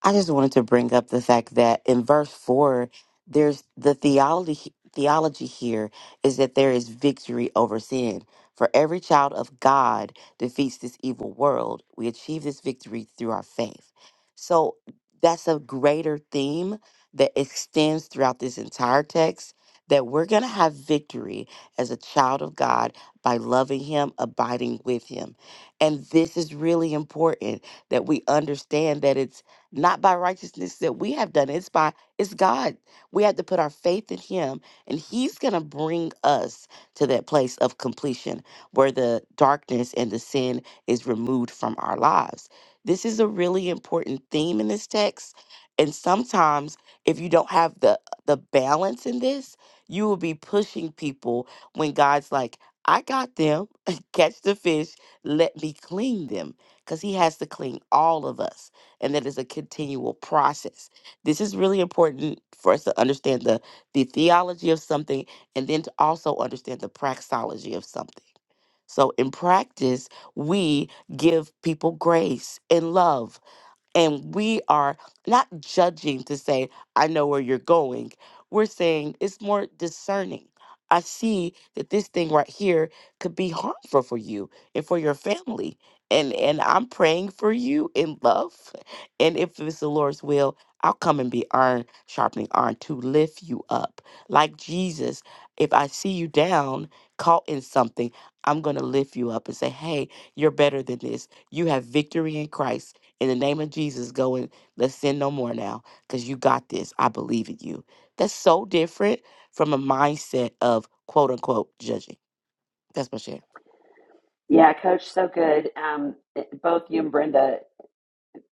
Speaker 7: I just wanted to bring up the fact that in verse 4, there's the theology theology here is that there is victory over sin. For every child of God defeats this evil world. We achieve this victory through our faith. So that's a greater theme that extends throughout this entire text that we're going to have victory as a child of God by loving him, abiding with him. And this is really important that we understand that it's not by righteousness that we have done. It's by it's God. We have to put our faith in Him, and He's gonna bring us to that place of completion where the darkness and the sin is removed from our lives. This is a really important theme in this text. And sometimes if you don't have the the balance in this, you will be pushing people when God's like, I got them, <laughs> catch the fish, let me clean them. Because he has to clean all of us and that is a continual process. This is really important for us to understand the, the theology of something and then to also understand the praxology of something. So, in practice, we give people grace and love and we are not judging to say, I know where you're going. We're saying it's more discerning. I see that this thing right here could be harmful for you and for your family. And and I'm praying for you in love. And if it's the Lord's will, I'll come and be iron sharpening iron to lift you up. Like Jesus, if I see you down, caught in something, I'm gonna lift you up and say, Hey, you're better than this. You have victory in Christ in the name of Jesus, go and let's sin no more now because you got this. I believe in you. That's so different from a mindset of quote unquote judging. That's my share.
Speaker 1: Yeah, coach, so good. Um, it- both you and Brenda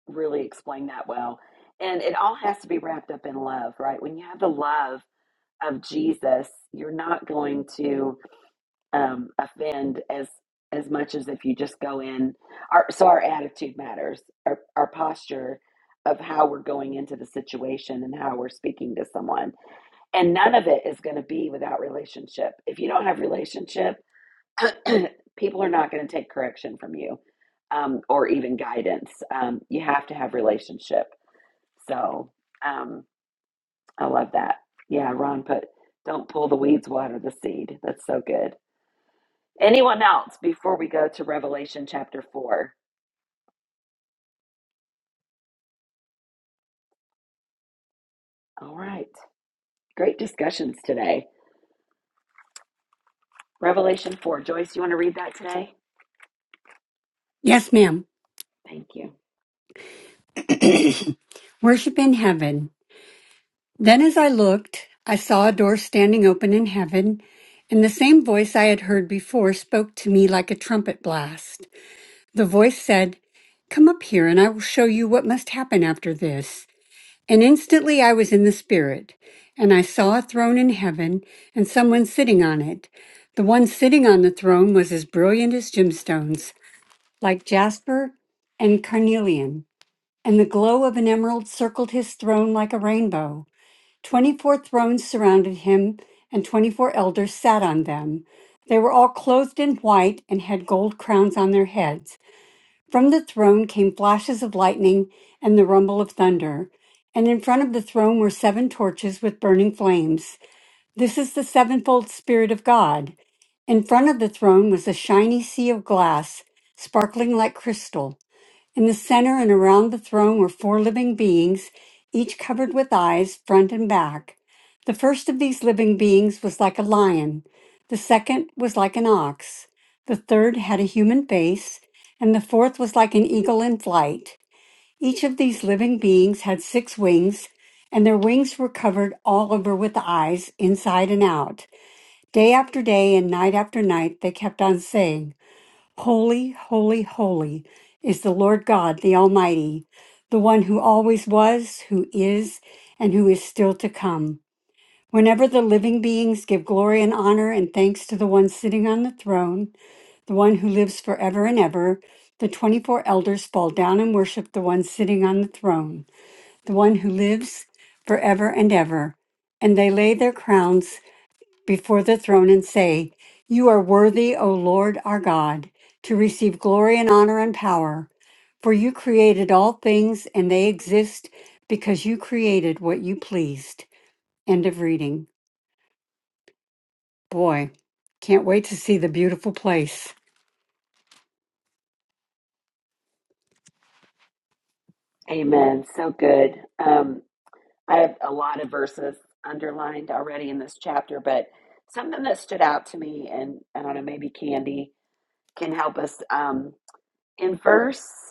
Speaker 1: really explained that well. And it all has to be wrapped up in love, right? When you have the love, of Jesus, you're not going to um, offend as as much as if you just go in. Our, so our attitude matters, our, our posture of how we're going into the situation and how we're speaking to someone. And none of it is going to be without relationship. If you don't have relationship, <clears throat> people are not going to take correction from you um, or even guidance. Um, you have to have relationship. So. Um, I love that. Yeah, Ron put, don't pull the weeds, water the seed. That's so good. Anyone else before we go to Revelation chapter 4? All right. Great discussions today. Revelation 4. Joyce, you want to read that today?
Speaker 10: Yes, ma'am.
Speaker 1: Thank you.
Speaker 10: Worship in heaven. Then as I looked, I saw a door standing open in heaven, and the same voice I had heard before spoke to me like a trumpet blast. The voice said, Come up here, and I will show you what must happen after this. And instantly I was in the Spirit, and I saw a throne in heaven, and someone sitting on it. The one sitting on the throne was as brilliant as gemstones, like jasper and carnelian. and the glow of an emerald circled his throne like a rainbow. Twenty four thrones surrounded him, and twenty four elders sat on them. They were all clothed in white and had gold crowns on their heads. From the throne came flashes of lightning and the rumble of thunder. And in front of the throne were seven torches with burning flames. This is the sevenfold Spirit of God. In front of the throne was a shiny sea of glass, sparkling like crystal. In the center and around the throne were four living beings, each covered with eyes, front and back. The first of these living beings was like a lion, the second was like an ox, the third had a human face, and the fourth was like an eagle in flight. Each of these living beings had six wings, and their wings were covered all over with eyes, inside and out. Day after day and night after night, they kept on saying, Holy, holy, holy is the Lord God, the Almighty, the one who always was, who is, and who is still to come. Whenever the living beings give glory and honor and thanks to the one sitting on the throne, the one who lives forever and ever, the 24 elders fall down and worship the one sitting on the throne, the one who lives forever and ever. And they lay their crowns before the throne and say, You are worthy, O Lord our God, to receive glory and honor and power. For you created all things, and they exist because you created what you pleased. End of reading. Boy, can't wait to see the beautiful place.
Speaker 1: Amen. So good. Um, I have a lot of verses underlined already in this chapter, but something that stood out to me, and I don't know, maybe Candy can help us. Um, in verse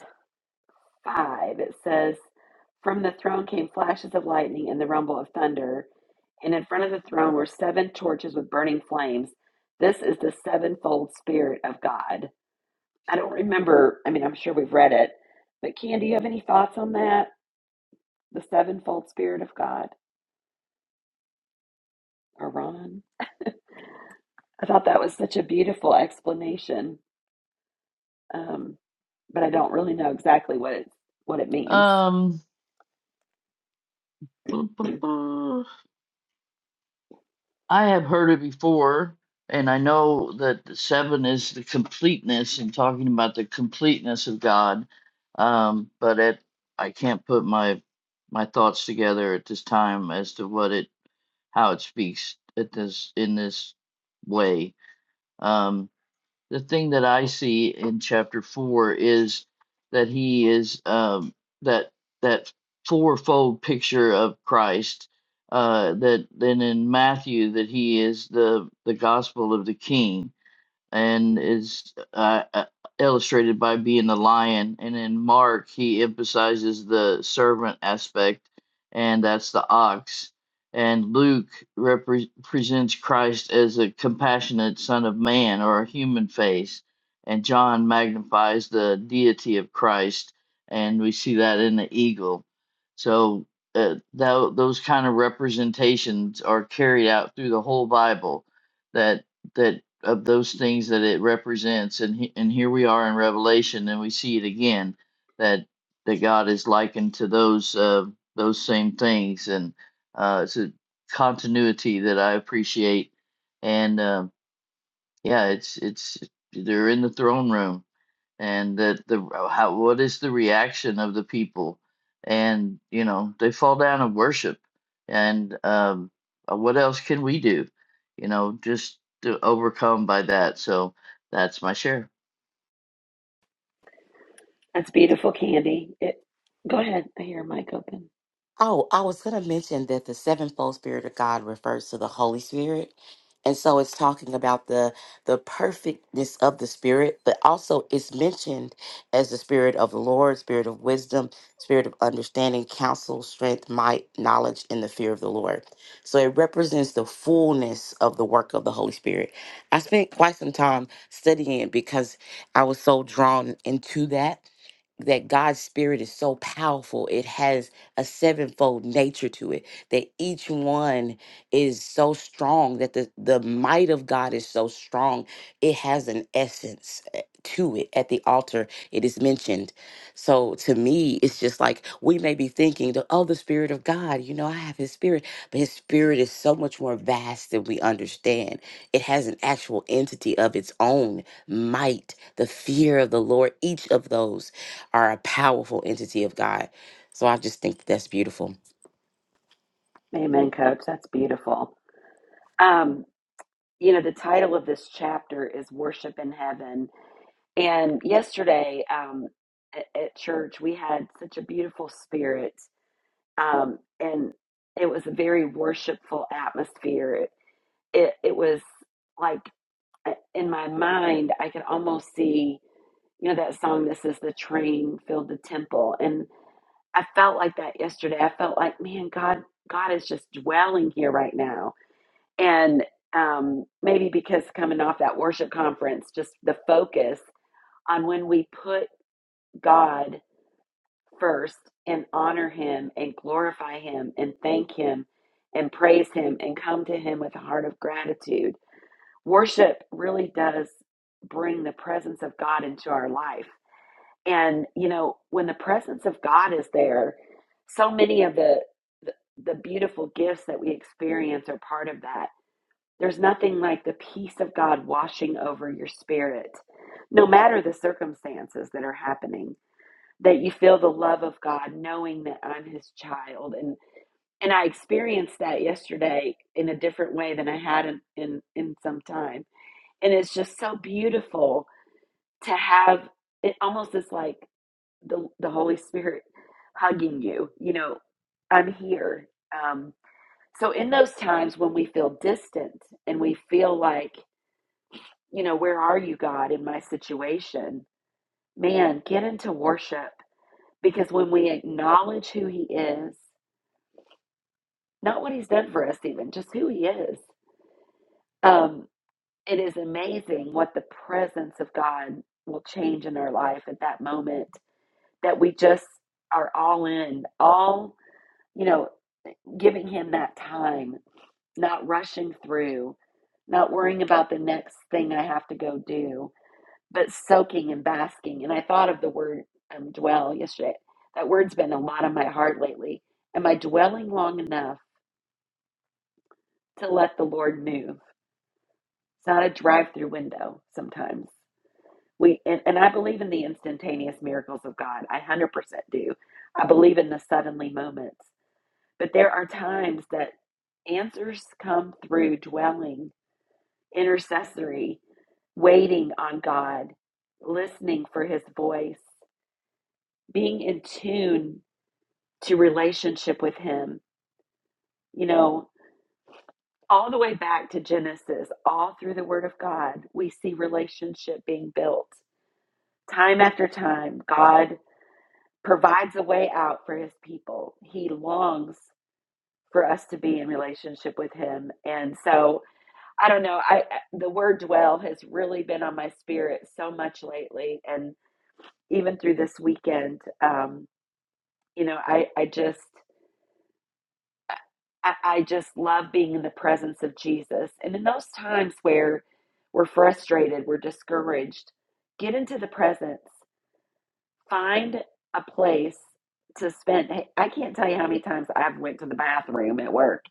Speaker 1: 5, it says, From the throne came flashes of lightning and the rumble of thunder, and in front of the throne were seven torches with burning flames. This is the sevenfold Spirit of God. I don't remember, I mean, I'm sure we've read it, but Can, do you have any thoughts on that? The sevenfold Spirit of God, or Ron? I thought that was such a beautiful explanation, um, but I don't really know exactly what it, what it means.
Speaker 6: Um,
Speaker 1: That's
Speaker 6: <laughs> I have heard it before, and I know that the seven is the completeness and talking about the completeness of God. Um, but it, I can't put my my thoughts together at this time as to what it how it speaks at this in this way. Um, the thing that I see in chapter four is that he is um, that that fourfold picture of Christ. Uh, that then in Matthew that he is the the gospel of the King and is uh, uh, illustrated by being the lion. And in Mark, he emphasizes the servant aspect, and that's the ox. And Luke repre- presents Christ as a compassionate Son of Man or a human face, and John magnifies the deity of Christ, and we see that in the eagle. So uh, tho- those kind of representations are carried out through the whole Bible. That that of those things that it represents and he, and here we are in revelation and we see it again that that god is likened to those uh, those same things and uh, it's a continuity that i appreciate and uh, yeah it's it's they're in the throne room and that the uh, how what is the reaction of the people and you know they fall down and worship and um uh, what else can we do you know just to overcome by that so that's my share
Speaker 1: beautiful, Candy. It, go ahead. I hear a mic open.
Speaker 7: Oh, I was going to mention that the sevenfold Spirit of God refers to the Holy Spirit. And so it's talking about the the perfectness of the Spirit, but also it's mentioned as the Spirit of the Lord, Spirit of wisdom, Spirit of understanding, counsel, strength, might, knowledge, and the fear of the Lord. So it represents the fullness of the work of the Holy Spirit. I spent quite some time studying it because I was so drawn into that that God's spirit is so powerful. It has a sevenfold nature to it. That each one is so strong that the the might of God is so strong. It has an essence eh, to it at the altar it is mentioned. So to me it's just like we may be thinking the oh the spirit of God, you know, I have his spirit, but his spirit is so much more vast than we understand. It has an actual entity of its own, might, the fear of the Lord, each of those are a powerful entity of God. So I just think that's beautiful.
Speaker 1: Amen, Coach. That's beautiful. Um, you know, the title of this chapter is Worship in Heaven. And yesterday um, at, at church, we had such a beautiful spirit. Um, and it was a very worshipful atmosphere. It, it, it was like uh, in my mind, I could almost see. you know that song this is the train filled the temple and i felt like that yesterday i felt like man god god is just dwelling here right now and um maybe because coming off that worship conference just the focus on when we put god first and honor him and glorify him and thank him and praise him and come to him with a heart of gratitude worship really does bring the presence of god into our life And you know, when the presence of God is there, so many of the the, the beautiful gifts that we experience are part of that. There's nothing like the peace of God washing over your spirit, no matter the circumstances that are happening. That you feel the love of God, knowing that I'm His child, and and I experienced that yesterday in a different way than I had in in, in some time. And it's just so beautiful to have. It almost this like the the Holy Spirit hugging you. You know, I'm here. Um, so in those times when we feel distant and we feel like, you know, where are you, God, in my situation? Man, get into worship because when we acknowledge who He is, not what He's done for us, even just who He is, um, it is amazing what the presence of God will change in our life at that moment. That we just are all in, all you know. giving him that time, not rushing through, not worrying about the next thing I have to go do, but soaking and basking. And I thought of the word um, dwell yesterday. That word's been a lot on my heart lately. Am I dwelling long enough to let the Lord move? It's not a drive through window sometimes. We, and, and I believe in the instantaneous miracles of God. I 100% do. I believe in the suddenly moments. But there are times that answers come through dwelling intercessory, waiting on God, listening for his voice, being in tune to relationship with him. You know, all the way back to Genesis, all through the word of God, we see relationship being built. Time after time, God provides a way out for his people. He longs for us to be in relationship with him. And so, I don't know, I the word dwell has really been on my spirit so much lately and even through this weekend. Um, you know, I, I just I, I just love being in the presence of Jesus. And in those times where we're frustrated, we're discouraged, get into the presence. Find a place to spend. Hey, I can't tell you how many times I've went to the bathroom at work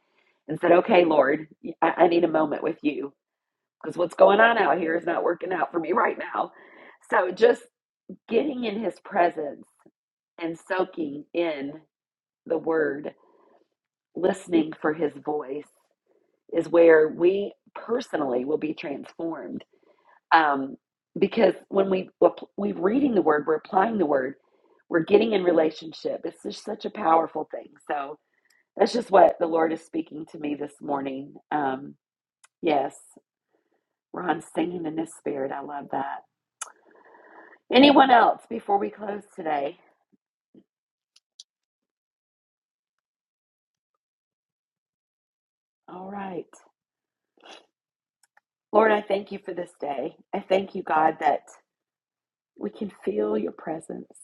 Speaker 1: and said, "Okay, Lord, I, I need a moment with you because what's going on out here is not working out for me right now." So just getting in His presence and soaking in the word, listening for his voice is where we personally will be transformed. Um, because when we we're reading the word, we're applying the word, we're getting in relationship. It's just such a powerful thing. So that's just what the Lord is speaking to me this morning. Um, yes, Ron singing in this spirit. I love that. Anyone else before we close today? All right. Lord, I thank you for this day. I thank you, God, that we can feel your presence.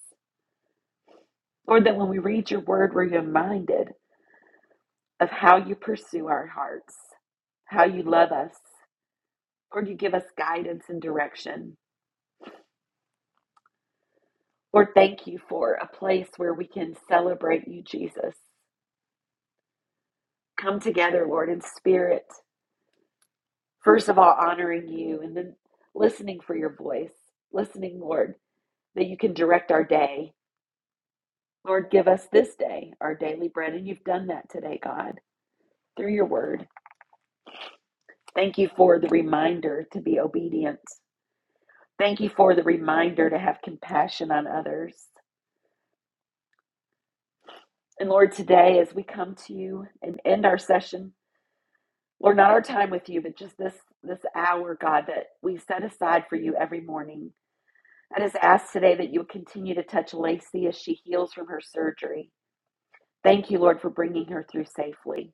Speaker 1: Lord, that when we read your word, we're reminded of how you pursue our hearts, how you love us. Lord, you give us guidance and direction. Lord, thank you for a place where we can celebrate you, Jesus. Come together, Lord, in spirit. First of all, honoring you and then listening for your voice, listening, Lord, that you can direct our day. Lord, give us this day our daily bread. And you've done that today, God, through your word. Thank you for the reminder to be obedient. Thank you for the reminder to have compassion on others. And Lord, today as we come to you and end our session, Lord, not our time with you, but just this this hour, God, that we set aside for you every morning. I just ask today that you would continue to touch Lacey as she heals from her surgery. Thank you, Lord, for bringing her through safely.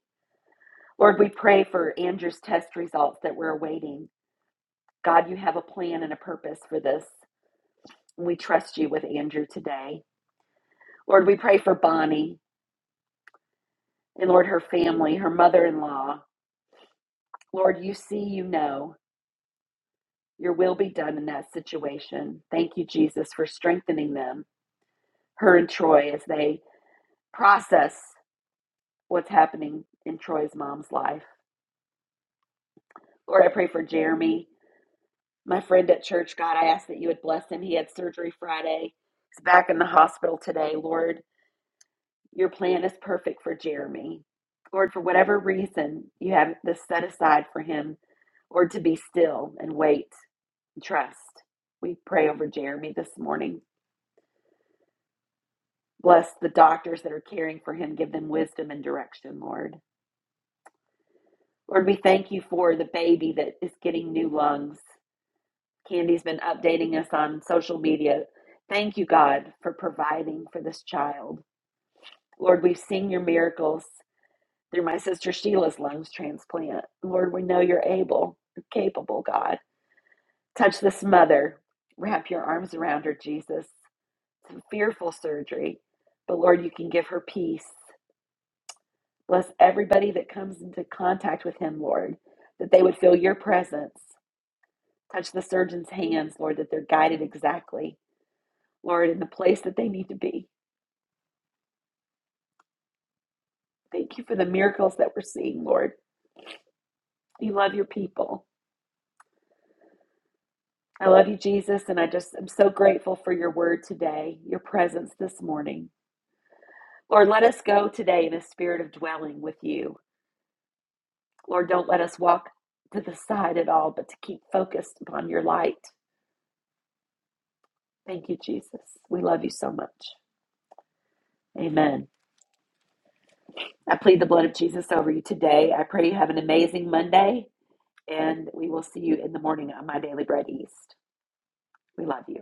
Speaker 1: Lord, we pray for Andrew's test results that we're awaiting. God, you have a plan and a purpose for this. And we trust you with Andrew today. Lord, we pray for Bonnie. And Lord, her family, her mother in law. Lord, you see, you know, your will be done in that situation. Thank you, Jesus, for strengthening them, her and Troy, as they process what's happening in Troy's mom's life. Lord, I pray for Jeremy, my friend at church. God, I ask that you would bless him. He had surgery Friday, he's back in the hospital today. Lord, your plan is perfect for Jeremy. Lord, for whatever reason you have this set aside for him, Lord, to be still and wait Trust. We pray over Jeremy this morning. Bless the doctors that are caring for him. Give them wisdom and direction, Lord. Lord, we thank you for the baby that is getting new lungs. Candy's been updating us on social media. Thank you, God, for providing for this child. Lord, we've seen your miracles through my sister Sheila's lungs transplant. Lord, we know you're able, you're capable, God. Touch this mother. Wrap your arms around her, Jesus. some fearful surgery, but Lord, you can give her peace. Bless everybody that comes into contact with him, Lord, that they would feel your presence. Touch the surgeon's hands, Lord, that they're guided exactly, Lord, in the place that they need to be. Thank you for the miracles that we're seeing, Lord. You love your people. I love you, Jesus, and I just am so grateful for your word today, your presence this morning. Lord, let us go today in a spirit of dwelling with you. Lord, don't let us walk to the side at all, but to keep focused upon your light. Thank you, Jesus. We love you so much. Amen. I plead the blood of Jesus over you today. I pray you have an amazing Monday, and we will see you in the morning on My Daily Bread East. We love you.